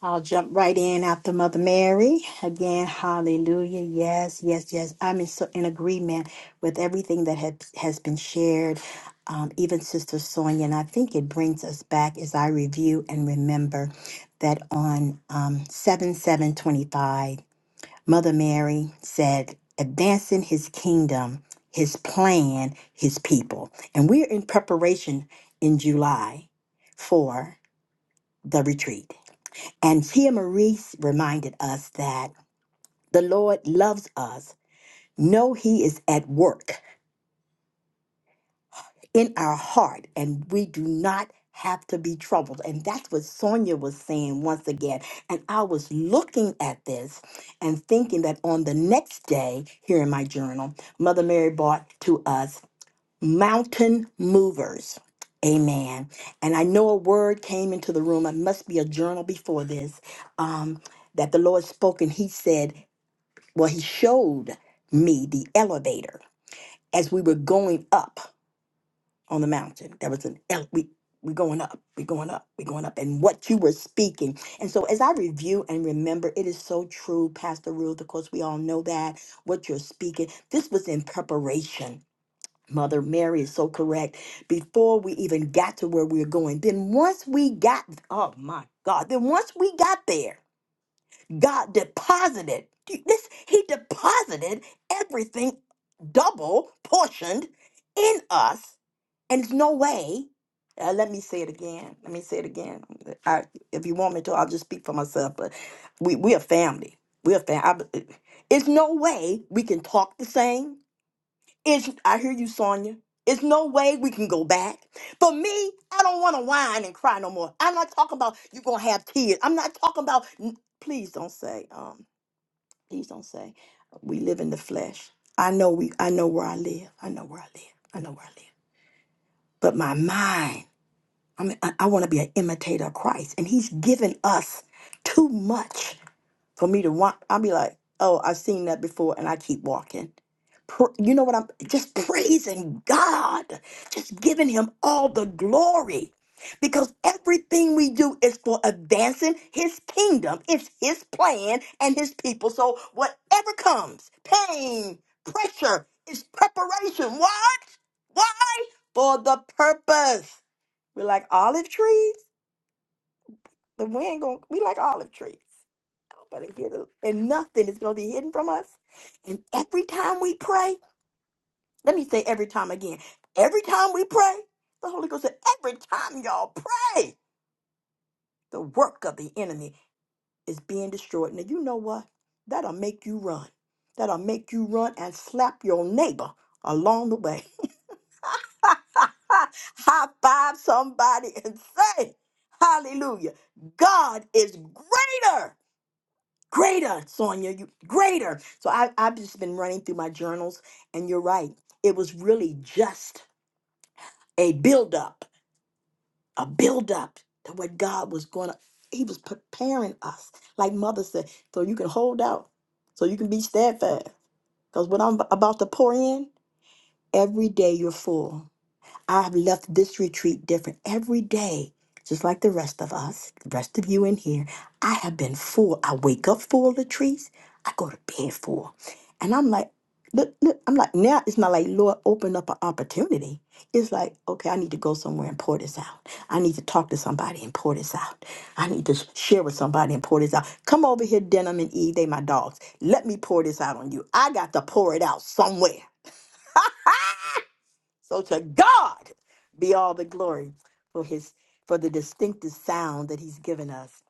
S1: I'll jump right in after Mother Mary. Again, hallelujah. Yes, yes, yes. I'm in, so, in agreement with everything that had, has been shared, um, even Sister Sonia. And I think it brings us back as I review and remember that on um, 7 seven twenty-five, Mother Mary said, advancing his kingdom, his plan, his people. And we're in preparation in July for the retreat. And Tia Maurice reminded us that the Lord loves us. Know He is at work in our heart, and we do not have to be troubled. And that's what Sonia was saying once again. And I was looking at this and thinking that on the next day, here in my journal, Mother Mary brought to us mountain movers. Amen. And I know a word came into the room. It must be a journal before this. Um, that the Lord spoke and he said Well, he showed me the elevator as we were going up on the mountain. There was an ele- we we're going up, we're going up, we're going up, and what you were speaking. And so, as I review and remember, it is so true, Pastor Ruth. Of course, we all know that what you're speaking. This was in preparation. Mother Mary is so correct. Before we even got to where we were going, then once we got, oh my God, then once we got there, God deposited. This, he deposited everything double portioned in us. And there's no way. Uh, let me say it again. Let me say it again. I, if you want me to, I'll just speak for myself. But we we are family. We are family. It's no way we can talk the same. It's I hear you, Sonia. It's no way we can go back. For me, I don't want to whine and cry no more. I'm not talking about you're gonna have tears. I'm not talking about. n- Please don't say. um, Please don't say we live in the flesh. I know we. I know where I live. I know where I live. I know where I live. But my mind. I mean, I, I want to be an imitator of Christ, and He's given us too much for me to want i'll be like oh i've seen that before and i keep walking Pr- you know what i'm just praising god just giving him all the glory because everything we do is for advancing his kingdom it's his plan and his people so whatever comes pain pressure is preparation what what for the purpose we're like olive trees the wind going we like olive trees but it hid- and nothing is going to be hidden from us. And every time we pray, let me say every time again, every time we pray, the Holy Ghost said, every time y'all pray, the work of the enemy is being destroyed. Now, you know what? That'll make you run. That'll make you run and slap your neighbor along the way. High five somebody and say, Hallelujah. God is greater Greater, Sonia, you greater. So I, I've just been running through my journals, and you're right. It was really just a buildup, a buildup to what God was going to, He was preparing us. Like Mother said, so you can hold out, so you can be steadfast. Because what I'm about to pour in, every day you're full. I've left this retreat different every day, just like the rest of us, the rest of you in here. I have been full. I wake up full of treats. I go to bed full. And I'm like, look, look, I'm like, now it's not like, Lord, open up an opportunity. It's like, okay, I need to go somewhere and pour this out. I need to talk to somebody and pour this out. I need to sh- share with somebody and pour this out. Come over here, Denim and Eve, they my dogs. Let me pour this out on you. I got to pour it out somewhere. So to God be all the glory for his for the distinctive sound that he's given us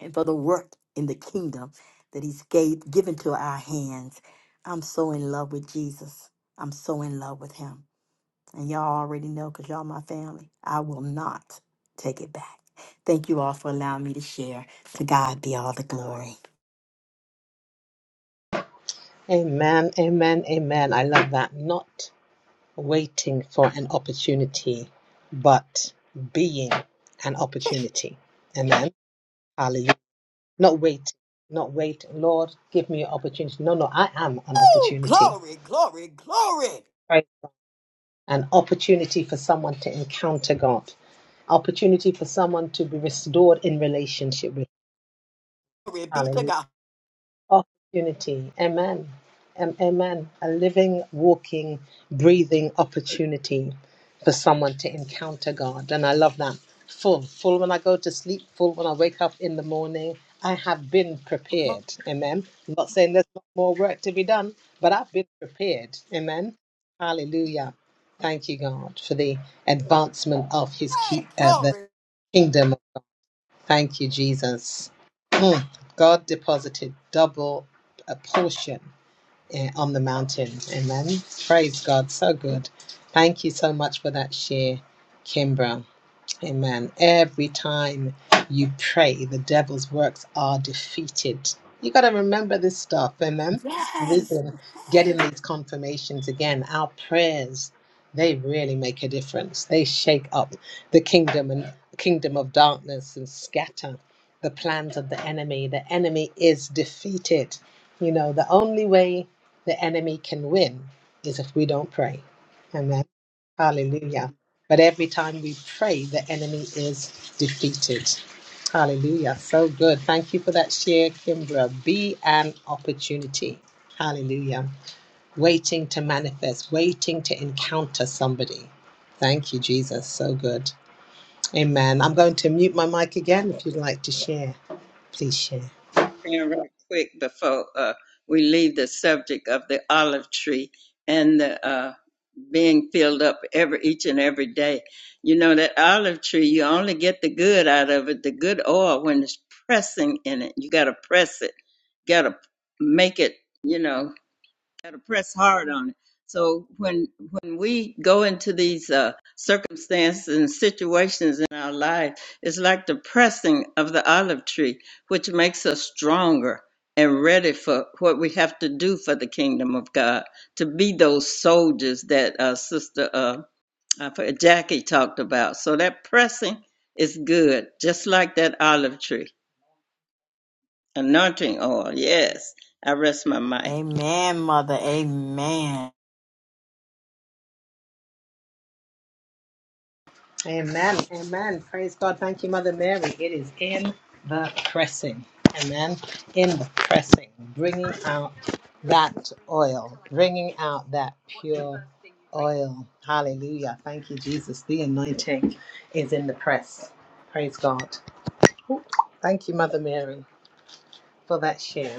S1: and for the work in the kingdom that he's gave, given to our hands. I'm so in love with Jesus. I'm so in love with him. And y'all already know because y'all my family. I will not take it back. Thank you all for allowing me to share. To God be all the glory.
S2: Amen, amen, amen. I love that. Not waiting for an opportunity, but being an opportunity. Amen. Hallelujah. Not wait, not wait. Lord, give me an opportunity. No, no, I am an
S1: Oh,
S2: opportunity.
S1: glory, glory, glory.
S2: Right. An opportunity for someone to encounter God. Opportunity for someone to be restored in relationship with.
S1: Glory be
S2: Hallelujah.
S1: to God.
S2: opportunity. Amen. Um, amen. A living, walking, breathing opportunity for someone to encounter God. And I love that. Full, full when I go to sleep, full when I wake up in the morning. I have been prepared. Amen. I'm not saying there's not more work to be done, but I've been prepared. Amen. Hallelujah. Thank you, God, for the advancement of his key,
S1: Hey,
S2: uh, the
S1: glory.
S2: kingdom Thank you, Jesus. Mm. God deposited double a portion eh, on the mountain. Amen. Praise God. So good. Thank you so much for that share, Kimbra. Amen. Every time you pray, the devil's works are defeated. You got to remember this stuff. Amen. We've
S1: Yes.
S2: been getting
S1: Yes.
S2: these confirmations again. Our prayers, they really make a difference. They shake up the kingdom and kingdom of darkness and scatter the plans of the enemy. The enemy is defeated. You know, the only way the enemy can win is if we don't pray. Amen. Hallelujah. But every time we pray, the enemy is defeated. Hallelujah. So good. Thank you for that share, Kimbra. Be an opportunity. Hallelujah. Waiting to manifest, waiting to encounter somebody. Thank you, Jesus. So good. Amen. I'm going to mute my mic again. If you'd like to share, please share.
S4: in real quick before uh, we leave the subject of the olive tree and the uh, being filled up every each and every day. You know that olive tree, you only get the good out of it, the good oil when it's pressing in it. You got to press it, got to make it. You know got to press hard on it. So when when we go into these uh, circumstances and situations in our life, it's like the pressing of the olive tree, which makes us stronger and ready for what we have to do for the kingdom of God to be those soldiers that uh, Sister uh, I forget- Jackie talked about. So that pressing is good, just like that olive tree anointing oil. Yes, I rest my mic.
S1: Amen, mother. Amen.
S2: Amen. Amen. Praise God. Thank you, Mother Mary. It is in the pressing. Amen. In the pressing, bringing out that oil, bringing out that pure oil. Hallelujah. Thank you, Jesus. The anointing is in the press. Praise God. Thank you, Mother Mary, for that share.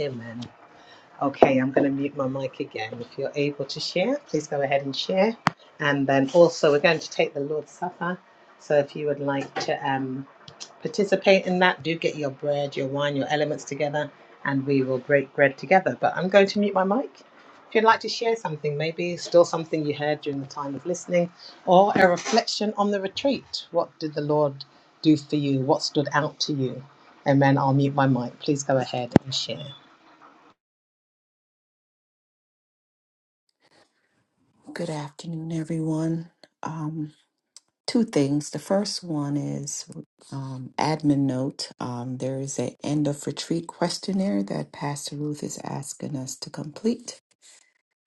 S2: Amen. Okay, I'm going to mute my mic again. If you're able to share, please go ahead and share. And then also, we're going to take the Lord's Supper. So if you would like to um, participate in that, do get your bread, your wine, your elements together, and we will break bread together. But I'm going to mute my mic. If you'd like to share something, maybe still something you heard during the time of listening, or a reflection on the retreat. What did the Lord do for you? What stood out to you? And then I'll mute my mic. Please go ahead and share.
S8: Good afternoon, everyone. Um, two things. The first one is um, admin note. Um, there is an end of retreat questionnaire that Pastor Ruth is asking us to complete.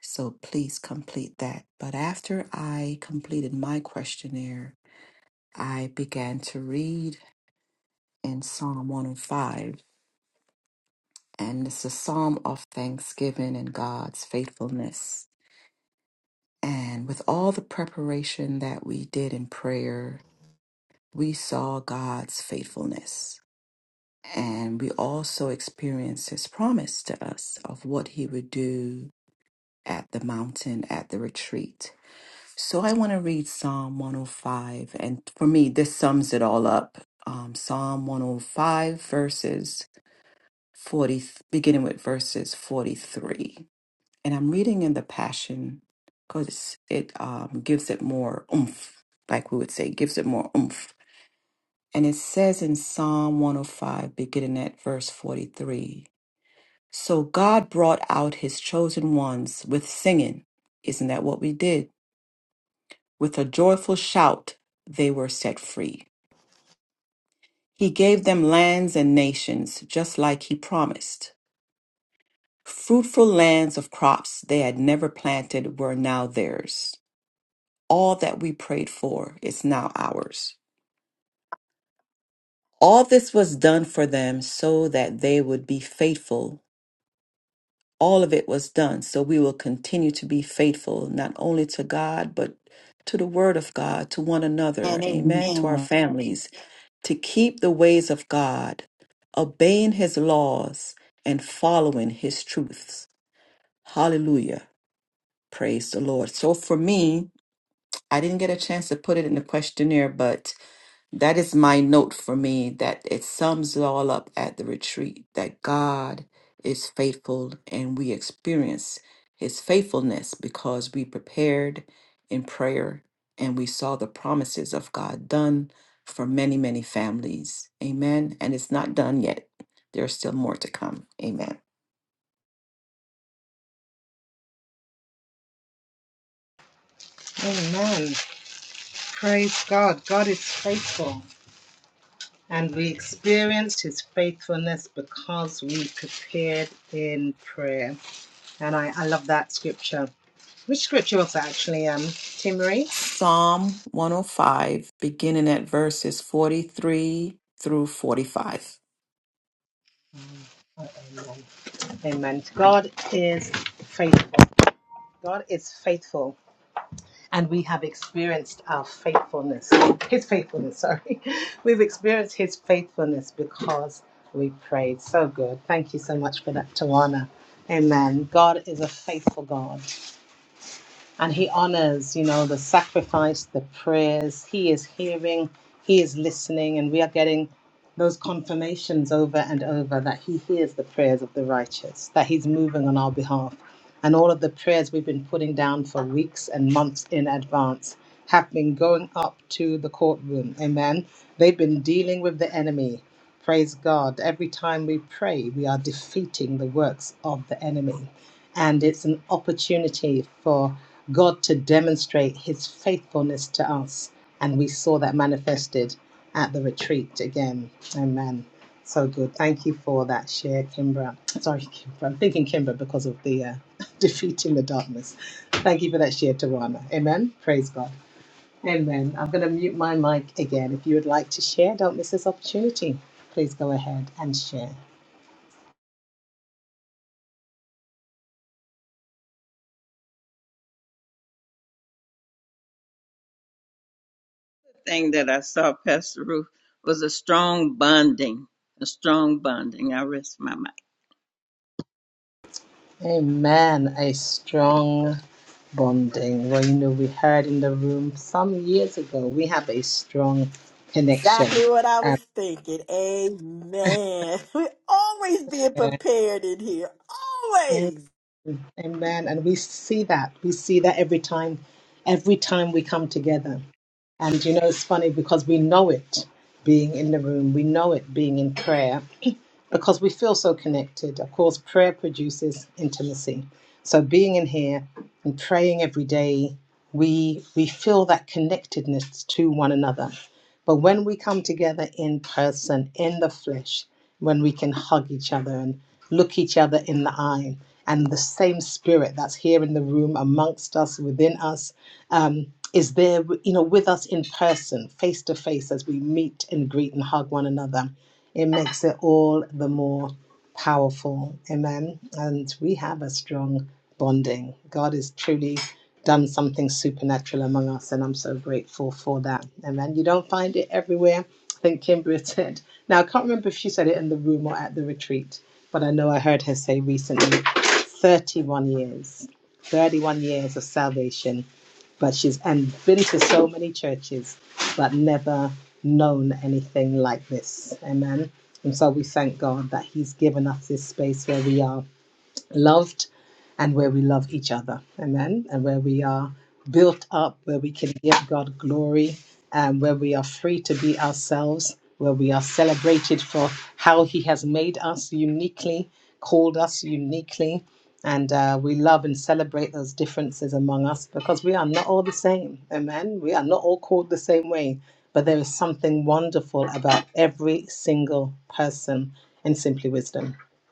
S8: So please complete that. But after I completed my questionnaire, I began to read in Psalm 105. And it's a psalm of thanksgiving and God's faithfulness. And with all the preparation that we did in prayer, we saw God's faithfulness. And we also experienced his promise to us of what he would do at the mountain, at the retreat. So I want to read Psalm 105. And for me, this sums it all up. Um, Psalm 105, verses 40, beginning with verses 43. And I'm reading in the Passion because it um, gives it more oomph, like we would say, gives it more oomph. And it says in Psalm 105, beginning at verse 43 So God brought out his chosen ones with singing. Isn't that what we did? With a joyful shout, they were set free. He gave them lands and nations, just like he promised. Fruitful lands of crops they had never planted were now theirs. All that we prayed for is now ours. All this was done for them so that they would be faithful all of it was done. So we will continue to be faithful, not only to God, but to the Word of God, to one another,
S1: And
S8: amen, to our
S1: amen.
S8: families, to keep the ways of God, obeying His laws, and following His truths. Hallelujah. Praise the Lord. So for me, I didn't get a chance to put it in the questionnaire, but that is my note for me that it sums it all up at the retreat that God is faithful and we experience his faithfulness because we prepared in prayer and we saw the promises of God done for many, many families. Amen. And it's not done yet. There's still more to come. Amen.
S2: Amen. Praise God. God is faithful. And we experienced his faithfulness because we prepared in prayer. And I, I love that scripture. Which scripture was that actually, um, Tim Marie?
S8: Psalm 105, beginning at verses 43 through 45.
S2: Oh, Amen. Amen. God is faithful. God is faithful. and we have experienced our faithfulness, His faithfulness, sorry. We've experienced His faithfulness because we prayed. So good. Thank you so much for that, Tawana. Amen. God is a faithful God and he honors you know the sacrifice the prayers he is hearing he is listening and we are getting those confirmations over and over that he hears the prayers of the righteous that he's moving on our behalf and all of the prayers we've been putting down for weeks and months in advance have been going up to the courtroom amen they've been dealing with the enemy praise god every time we pray we are defeating the works of the enemy and it's an opportunity for God to demonstrate his faithfulness to us. And we saw that manifested at the retreat again. Amen. So good. Thank you for that share, Kimbra. Sorry, Kimbra. I'm thinking Kimbra because of the uh, defeating the darkness. Thank you for that share, Tarana. Amen. Praise God. Amen. I'm going to mute my mic again. If you would like to share, don't miss this opportunity. Please go ahead and share.
S4: thing that I saw, Pastor Ruth, was a strong bonding. A strong bonding. I rest my mic.
S2: Amen. A strong bonding. Well, you know, we heard in the room some years ago, we have a strong connection.
S1: Exactly what I
S2: Um,
S1: was thinking. Amen. We're always being prepared in here.
S2: amen.
S1: Always.
S2: Amen. And we see that. We see that every time, every time we come together. And you know, it's funny because we know it being in the room, we know it being in prayer. because we feel so connected. Of course, prayer produces intimacy. So being in here and praying every day, we we feel that connectedness to one another. But when we come together in person, in the flesh, when we can hug each other and look each other in the eye, and the same spirit that's here in the room amongst us, within us, um, is there, you know, with us in person, face to face, as we meet and greet and hug one another it makes it all the more powerful. Amen. And we have a strong bonding. God has truly done something supernatural among us, and I'm so grateful for that. Amen. You don't find it everywhere. I think Kimber said. Now, I can't remember if she said it in the room or at the retreat, but I know I heard her say recently 31 years, 31 years of salvation but she's and been to so many churches but never known anything like this. Amen. And so we thank God that He's given us this space where we are loved and where we love each other. Amen. And where we are built up, where we can give God glory, and where we are free to be ourselves, where we are celebrated for how He has made us uniquely, called us uniquely. And uh, we love and celebrate those differences among us because we are not all the same. Amen. We are not all called the same way, but there is something wonderful about every single person in Simply Wisdom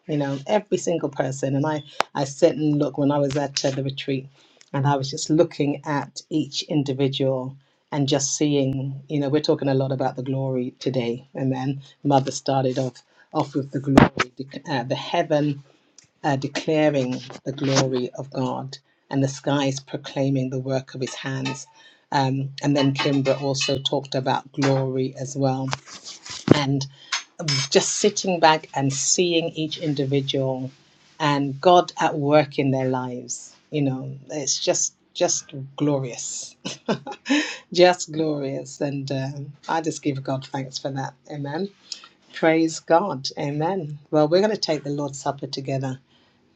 S2: you know every single person and i i sit and look when i was at uh, the retreat and i was just looking at each individual and just seeing you know we're talking a lot about the glory today and then mother started off off with the glory dec- uh, the heaven uh, declaring the glory of god and the skies proclaiming the work of his hands um, and then Kimbra also talked about glory as well just sitting back and seeing each individual and God at work in their lives. You know, it's just just glorious, just glorious, and um, I just give God thanks for that. Amen. Praise God. Amen. Well, we're going to take the Lord's Supper together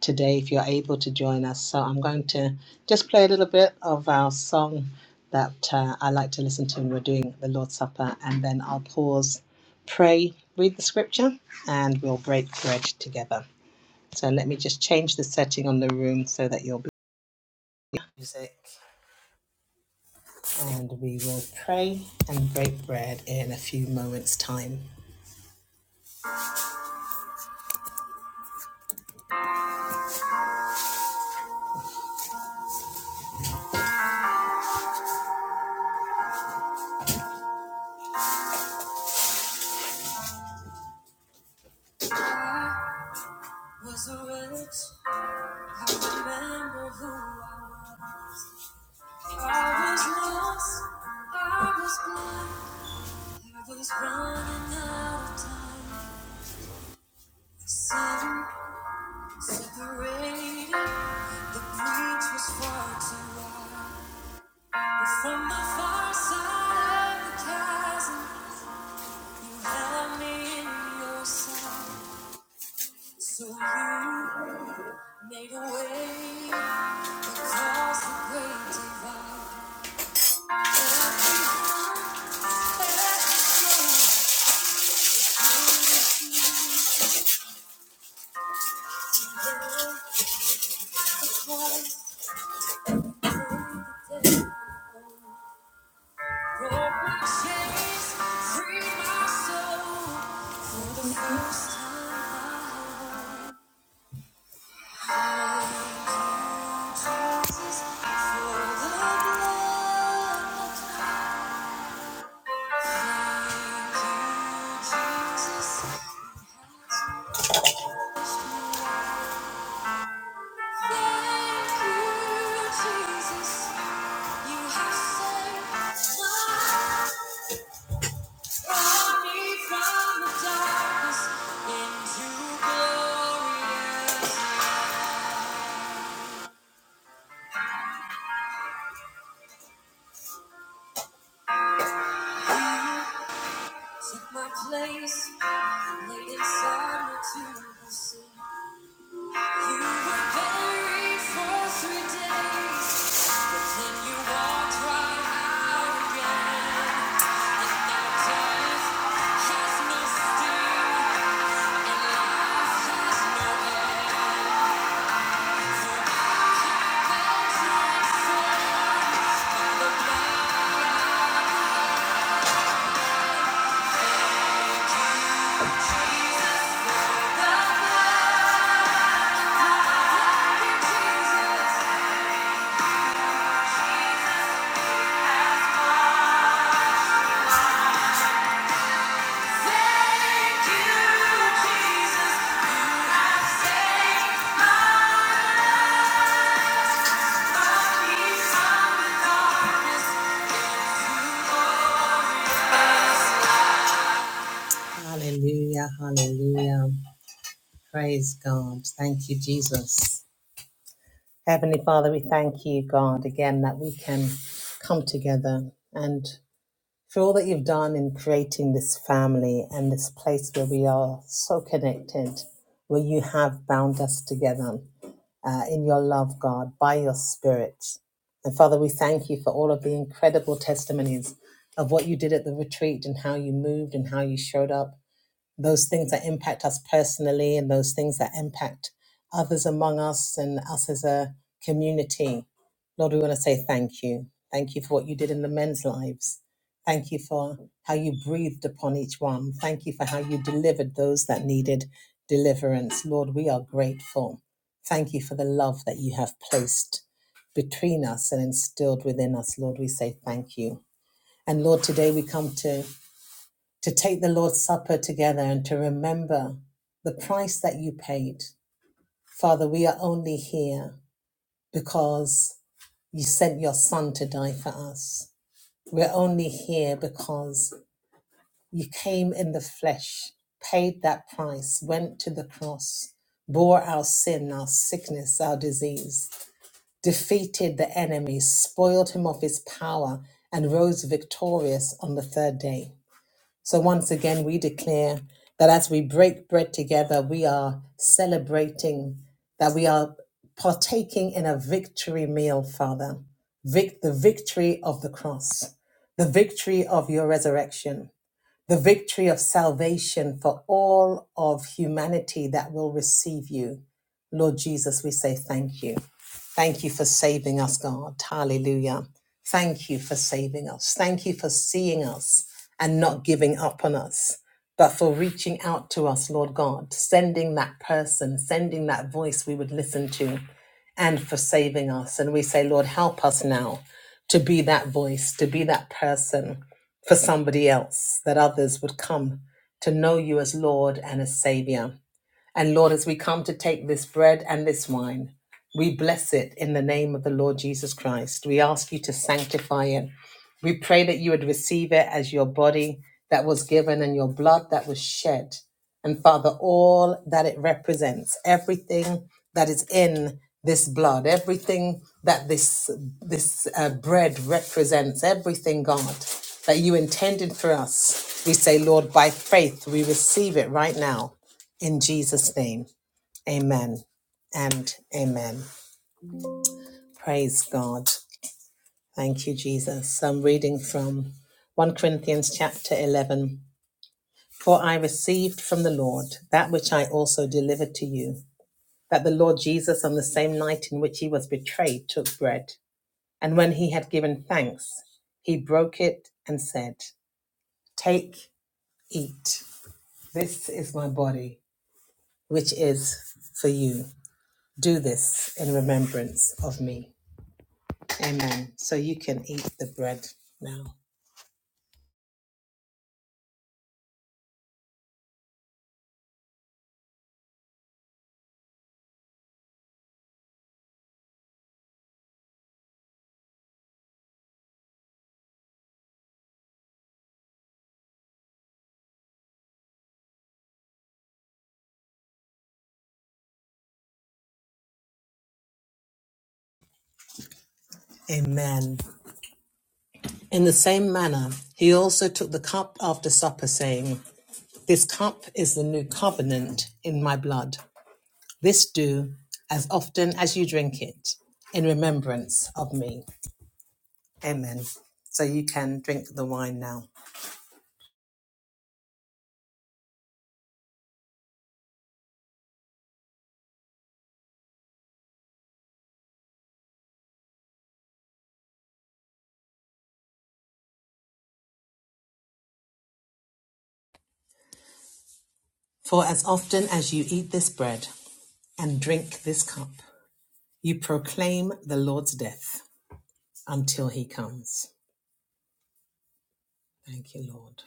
S2: today if you're able to join us. So I'm going to just play a little bit of our song that uh, I like to listen to when we're doing the Lord's Supper, and then I'll pause, pray, read the scripture, and we'll break bread together. So let me just change the setting on the room so that you'll be music, and we will pray and break bread in a few moments' time. Was a wretch, I remember who I was. I was lost, I was blind. I was running out of time. Seven separated. The breach was far too wide. But from the far side of the chasm, you held me in your sight. So you made a way across the great divide. And I Let Back to the day. Broke my chains, free my soul. For the first time, I Jesus for the blood. Jesus, thank you, Jesus. You have saved my life. Brought me from the darkness into glorious. Took my place and laid it somewhere to the sea. You were buried for three days, but then you walked right out again. And now death has no sting, and life has no end. Hallelujah, hallelujah. Praise God. Thank you, Jesus. Heavenly Father, we thank you, God, again that we can come together for all that you've done in creating this family and this place where we are so connected, where you have bound us together uh, in your love, God, by your Spirit. And Father, we thank you for all of the incredible testimonies of what you did at the retreat and how you moved and how you showed up those things that impact us personally and those things that impact others among us and us as a community. Lord, we want to say thank you. Thank you for what you did in the men's lives. Thank you for how you breathed upon each one. Thank you for how you delivered those that needed deliverance. Lord, we are grateful. Thank you for the love that you have placed between us and instilled within us. Lord, we say thank you. And Lord, today we come to to take the Lord's Supper together and to remember the price that you paid. Father, we are only here because you sent your Son to die for us. We're only here because you came in the flesh, paid that price, went to the cross, bore our sin, our sickness, our disease, defeated the enemy, spoiled him of his power, and rose victorious on the third day. So once again, we declare that as we break bread together, we are celebrating, that we are partaking in a victory meal, Father. Vic- the victory of the cross, the victory of your resurrection the victory of salvation for all of humanity that will receive you. Lord Jesus, we say thank you. Thank you for saving us, God. Hallelujah. Thank you for saving us. Thank you for seeing us and not giving up on us, but for reaching out to us, Lord God, sending that person, sending that voice we would listen to, and for saving us. And we say, Lord, help us now to be that voice, to be that person for somebody else, that others would come to know you as Lord and as Savior. And Lord, as we come to take this bread and this wine, we bless it in the name of the Lord Jesus Christ. We ask you to sanctify it. We pray that you would receive it as your body that was given and your blood that was shed. And Father, all that it represents, everything that is in this blood, everything that this, this uh, bread represents, everything, God, that you intended for us, we say, Lord, by faith, we receive it right now in Jesus' name, amen and amen. Praise God. Thank you, Jesus. I'm reading from 1 Corinthians chapter 11. For I received from the Lord that which I also delivered to you, that the Lord Jesus, on the same night in which he was betrayed, took bread. And when he had given thanks, he broke it and said, Take, eat. This is my body, which is for you. Do this in remembrance of me. Amen. So you can eat the bread now. Amen. In the same manner, he also took the cup after supper, saying, This cup is the new covenant in my blood. This do as often as you drink it in remembrance of me. Amen. So you can drink the wine now. For as often as you eat this bread and drink this cup, you proclaim the Lord's death until he comes. Thank you, Lord.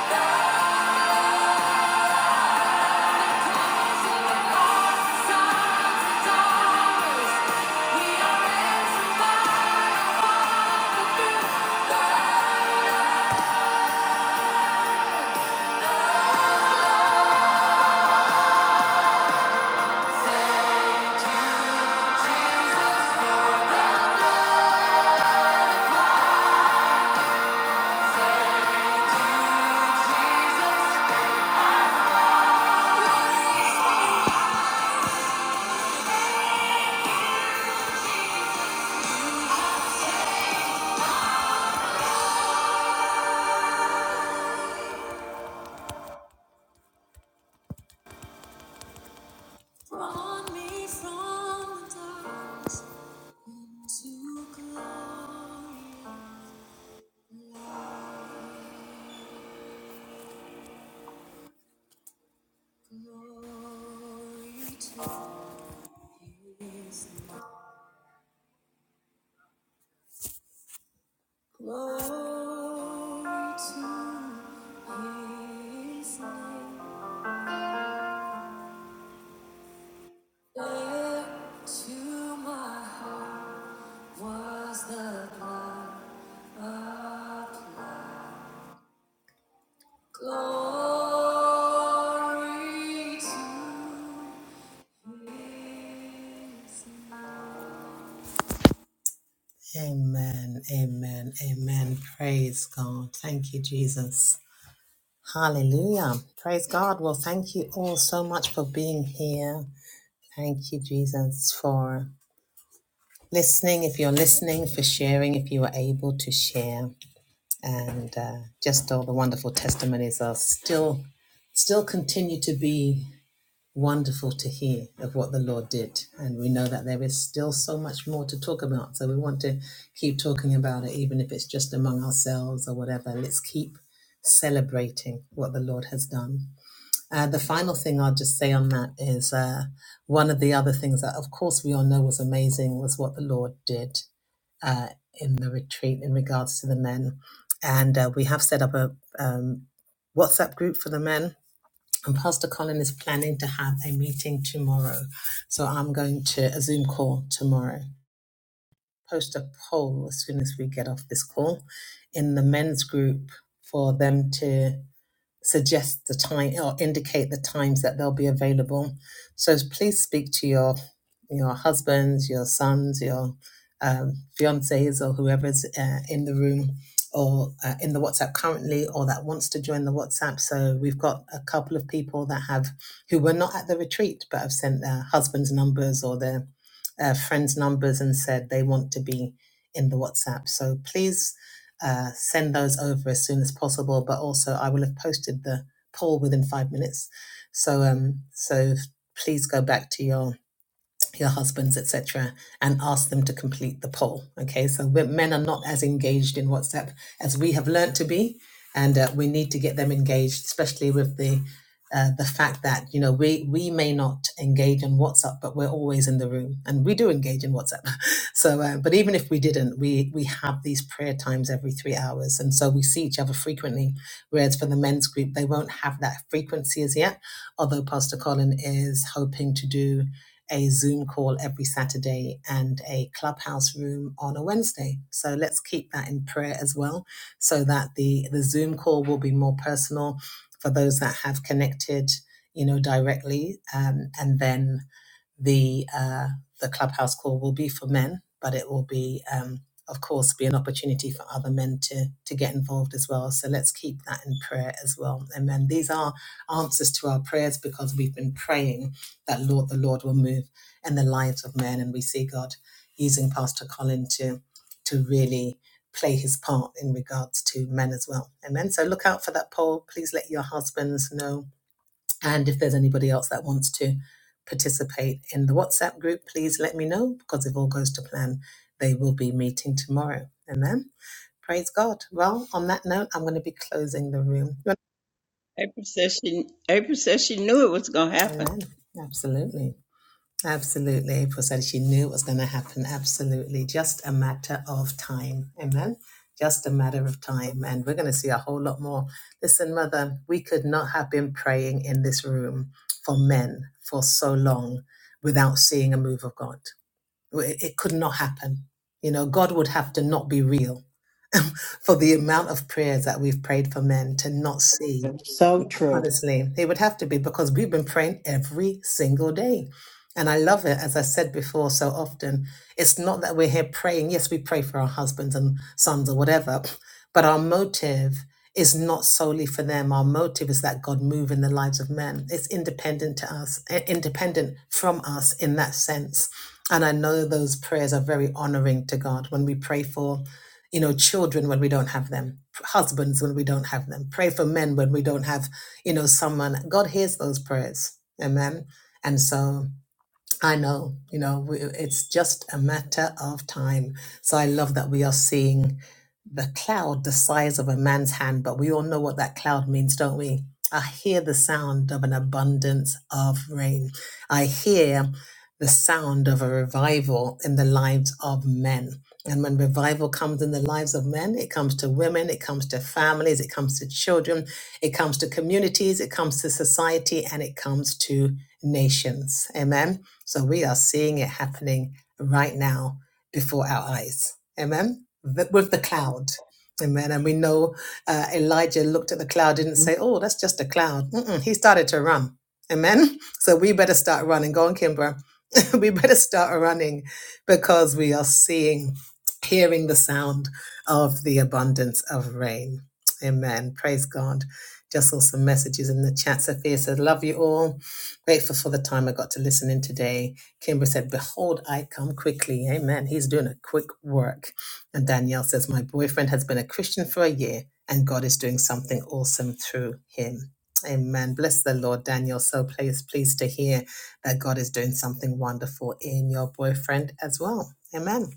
S2: Thank you. Glory to his name. Into my heart was the blood of glory. Amen, amen, amen. Praise God. Thank you, Jesus. Hallelujah. Praise God. Well, thank you all so much for being here. Thank you, Jesus, for listening. If you're listening, for sharing, if you are able to share. and uh, just all the wonderful testimonies are still still continue to be wonderful to hear of what the lord did and we know that there is still so much more to talk about so we want to keep talking about it even if it's just among ourselves or whatever let's keep celebrating what the lord has done uh, the final thing i'll just say on that is uh, one of the other things that of course we all know was amazing was what the lord did uh, in the retreat in regards to the men. And uh, we have set up a um, WhatsApp group for the men. And Pastor Colin is planning to have a meeting tomorrow. So I'm going to a Zoom call tomorrow, post a poll as soon as we get off this call in the men's group for them to suggest the time or indicate the times that they'll be available. So please speak to your your husbands, your sons, your um, fiancés, or whoever's uh, in the room or uh, in the WhatsApp currently, or that wants to join the WhatsApp. So we've got a couple of people that have who were not at the retreat but have sent their husbands' numbers or their uh, friends' numbers and said they want to be in the WhatsApp. So please uh, send those over as soon as possible. But also, I will have posted the poll within five minutes. So, um, so please go back to your your husbands, etc., and ask them to complete the poll. Okay, so we- men are not as engaged in WhatsApp as we have learnt to be, and uh, we need to get them engaged, especially with the uh, the fact that you know we we may not engage in WhatsApp, but we're always in the room, and we do engage in WhatsApp. So, uh, but even if we didn't, we we have these prayer times every three hours, and so we see each other frequently. Whereas for the men's group, they won't have that frequency as yet. Although Pastor Colin is hoping to do a Zoom call every Saturday and a clubhouse room on a Wednesday. So let's keep that in prayer as well, so that the, the Zoom call will be more personal for those that have connected, you know, directly. Um, and then the uh, the clubhouse call will be for men, but it will be, um, of course, be an opportunity for other men to to get involved as well. So let's keep that in prayer as well. Amen. These are answers to our prayers because we've been praying that Lord, the Lord will move in the lives of men, and we see God using Pastor Colin to to really play his part in regards to men as well. Amen. So look out for that poll. Please let your husbands know and if there's anybody else that wants to participate in the WhatsApp group, please let me know because if all goes to plan, they will be meeting tomorrow. Amen. Praise God. Well, on that note, I'm going to be closing the room.
S4: April said she April said she knew it was gonna happen.
S2: Amen. Absolutely. Absolutely. Paul said she knew it was going to happen. Absolutely. Just a matter of time. Amen. Just a matter of time. And we're going to see a whole lot more. Listen, Mother, we could not have been praying in this room for men for so long without seeing a move of God. It it could not happen. You know, God would have to not be real for the amount of prayers that we've prayed for men to not see.
S1: So true.
S2: Honestly, it would have to be because we've been praying every single day. And I love it, as I said before so often. It's not that we're here praying. Yes, we pray for our husbands and sons or whatever, but our motive is not solely for them. Our motive is that God move in the lives of men. It's independent to us, eh, independent from us in that sense. And I know those prayers are very honoring to God when we pray for you know children when we don't have them husbands when we don't have them pray for men when we don't have you know someone god hears those prayers amen and so I know, you know, we, it's just a matter of time. So I love that we are seeing the cloud the size of a man's hand, but we all know what that cloud means, don't we? I hear the sound of an abundance of rain. I hear the sound of a revival in the lives of men. And when revival comes in the lives of men, it comes to women, it comes to families, it comes to children, it comes to communities, it comes to society, and it comes to nations. Amen. So we are seeing it happening right now before our eyes. Amen. Th- With the cloud. Amen. And we know uh, Elijah looked at the cloud, didn't say, oh, that's just a cloud. Mm-mm. He started to run. Amen. So we better start running. Go on, Kimbra. we better start running because we are seeing, hearing the sound of the abundance of rain. Amen. Praise God. Just saw some messages in the chat. Sophia said, Love you all. Grateful for the time I got to listen in today. Kimber said, Behold, I come quickly. Amen. He's doing a quick work. And Danielle says, My boyfriend has been a Christian for a year, and God is doing something awesome through him. Amen. Bless the Lord, Daniel. So pleased, pleased to hear that God is doing something wonderful in your boyfriend as well. Amen.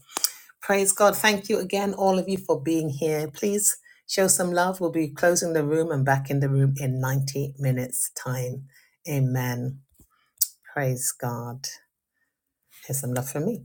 S2: Praise God. Thank you again, all of you, for being here. Please show some love. We'll be closing the room and back in the room in 90 minutes' time. Amen. Praise God. Here's some love from me.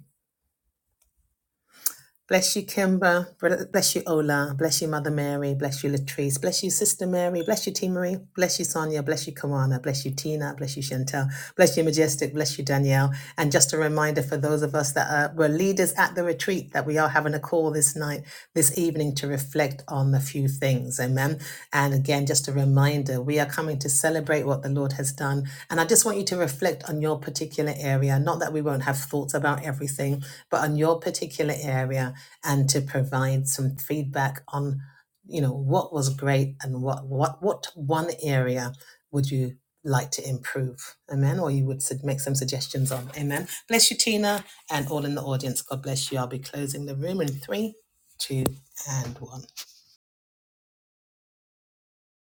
S2: Bless you, Kimber. Bless you, Ola. Bless you, Mother Mary. Bless you, Latrice. Bless you, Sister Mary. Bless you, T. Marie. Bless you, Sonia. Bless you, Kawana. Bless you, Tina. Bless you, Chantel. Bless you, Majestic. Bless you, Danielle. And just a reminder for those of us that are, were leaders at the retreat that we are having a call this night, this evening, to reflect on a few things. Amen. And again, just a reminder, we are coming to celebrate what the Lord has done. And I just want you to reflect on your particular area. Not that we won't have thoughts about everything, but on your particular area and to provide some feedback on you know what was great and what what what one area would you like to improve amen or you would make some suggestions on amen bless you tina and all in the audience god bless you i'll be closing the room in three two and one